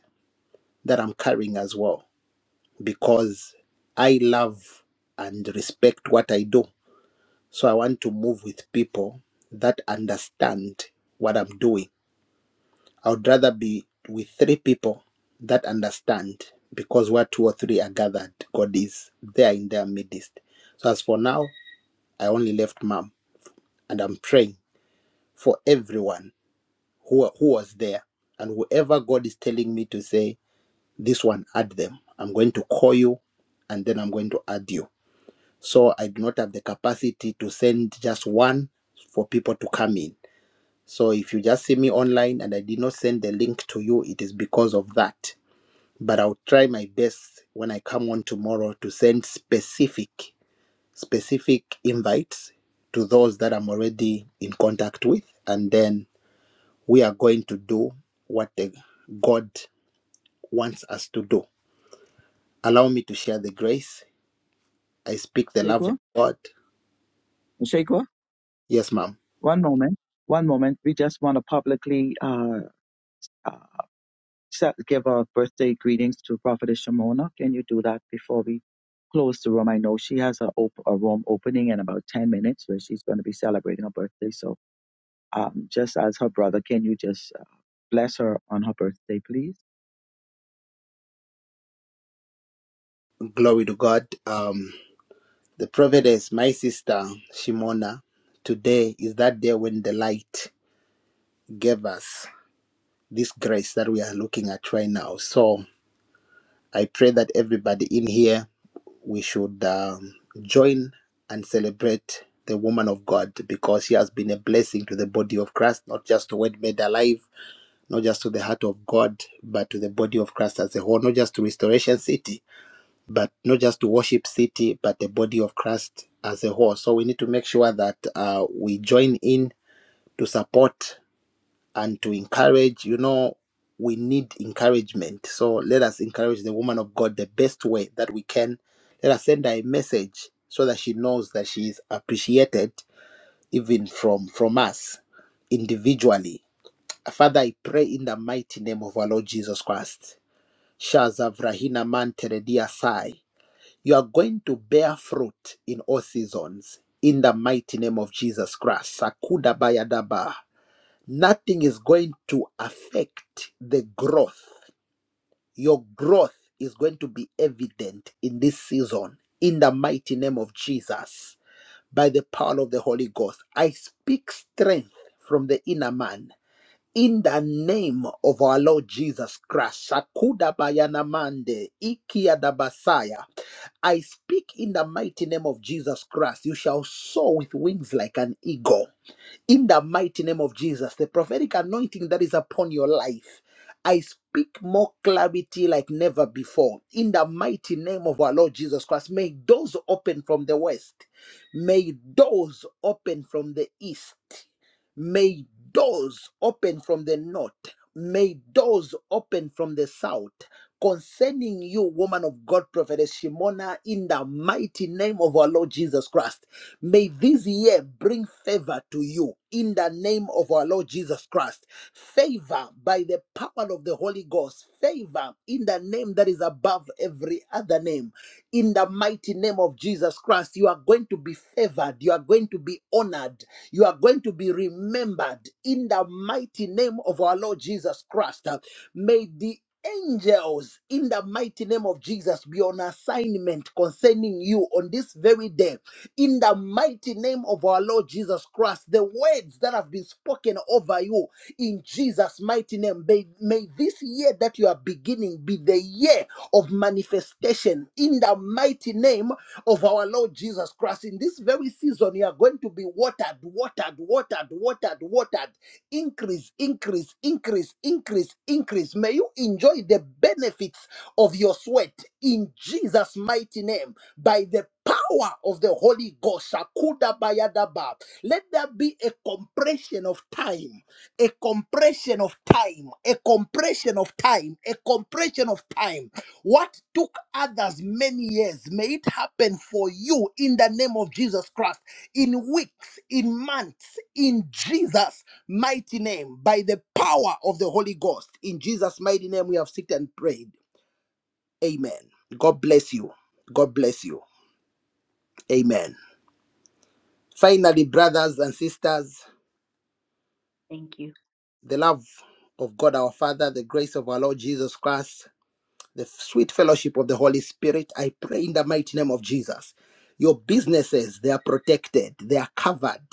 that I'm carrying as well. because I love and respect what I do. So I want to move with people that understand what I'm doing. I would rather be with three people that understand because where two or three are gathered, God is there in their midst. So as for now, I only left mom and I'm praying for everyone who, who was there and whoever God is telling me to say, this one, add them. I'm going to call you and then I'm going to add you So I do not have the capacity to send just one for people to come in. So if you just see me online and I did not send the link to you, it is because of that. But I'll try my best when I come on tomorrow to send specific, specific invites to those that I'm already in contact with. And then we are going to do what the God wants us to do. Allow me to share the grace. I speak the
Jacob?
love of God.
Shakwa,
Yes, ma'am.
one moment, one moment. We just want to publicly uh, uh, set, give our birthday greetings to Prophetess Shimona. Can you do that before we close the room? I know she has a, op- a room opening in about 10 minutes where she's going to be celebrating her birthday. So, um, just as her brother, can you just uh, bless her on her birthday, please?
Glory to God. Um, The prophetess, my sister Shimona, today is that day when the light gave us this grace that we are looking at right now. So I pray that everybody in here, we should um, join and celebrate the woman of God because she has been a blessing to the body of Christ, not just to what made alive, not just to the heart of God, but to the body of Christ as a whole, not just to Restoration City, but not just to worship city, but the body of Christ as a whole. So we need to make sure that uh, we join in to support and to encourage. You know, we need encouragement. So let us encourage the woman of God the best way that we can. Let us send her a message so that she knows that she is appreciated even from from us individually. Father, I pray in the mighty name of our Lord Jesus Christ. Shazavrahina man teredia sai. You are going to bear fruit in all seasons. In the mighty name of Jesus Christ. Sakuda bayadaba. Nothing is going to affect the growth. Your growth is going to be evident in this season. In the mighty name of Jesus. By the power of the Holy Ghost. I speak strength from the inner man. In the name of our Lord Jesus Christ, Sakuda Bayanamande, Ikiadabasaya. I speak in the mighty name of Jesus Christ. You shall soar with wings like an eagle in the mighty name of Jesus, the prophetic anointing that is upon your life, I speak more clarity like never before. In the mighty name of our Lord Jesus Christ, may doors open from the west, may doors open from the east, may doors open from the north, may doors open from the south. Concerning you, woman of God, prophetess Shimona, in the mighty name of our Lord Jesus Christ. May this year bring favor to you in the name of our Lord Jesus Christ. Favor by the power of the Holy Ghost. Favor in the name that is above every other name. In the mighty name of Jesus Christ, you are going to be favored. You are going to be honored. You are going to be remembered in the mighty name of our Lord Jesus Christ. Uh, May the angels in the mighty name of Jesus be on assignment concerning you on this very day in the mighty name of our Lord Jesus Christ. The words that have been spoken over you in Jesus' mighty name, may, may this year that you are beginning be the year of manifestation in the mighty name of our Lord Jesus Christ. In this very season, you are going to be watered, watered, watered, watered, watered. Increase, increase, increase, increase, increase. May you enjoy the benefits of your sweat in Jesus' mighty name by the power of the Holy Ghost. Shakuda bayadaba. Let there be a compression of time, a compression of time, a compression of time, a compression of time. What took others many years, may it happen for you in the name of Jesus Christ in weeks, in months, in Jesus' mighty name, by the power of the Holy Ghost. In Jesus' mighty name, we have seeked and prayed. Amen. God bless you. God bless you. Amen. Finally, brothers and sisters,
Thank you.
the love of God our Father, the grace of our Lord Jesus Christ, the sweet fellowship of the Holy Spirit, I pray in the mighty name of Jesus. Your businesses, they are protected, they are covered.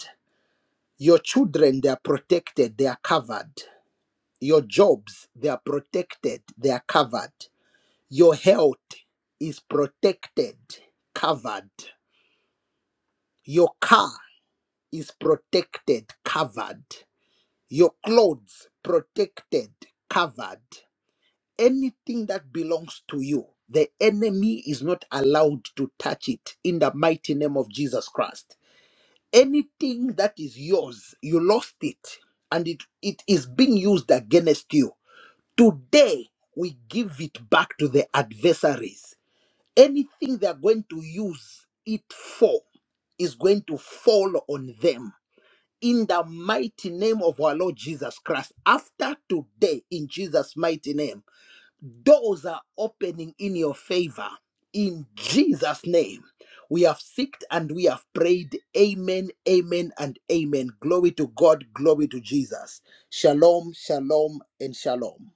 Your children, they are protected, they are covered. Your jobs, they are protected, they are covered. Your health is protected, covered. Your car is protected, covered. Your clothes protected, covered. Anything that belongs to you, the enemy is not allowed to touch it in the mighty name of Jesus Christ. Anything that is yours, you lost it and it, it is being used against you. Today, we give it back to the adversaries. Anything they are going to use it for is going to fall on them in the mighty name of our Lord Jesus Christ. After today, in Jesus' mighty name, doors are opening in your favor. In Jesus' name, we have seeked and we have prayed. Amen, amen, and amen. Glory to God, glory to Jesus. Shalom, shalom, and shalom.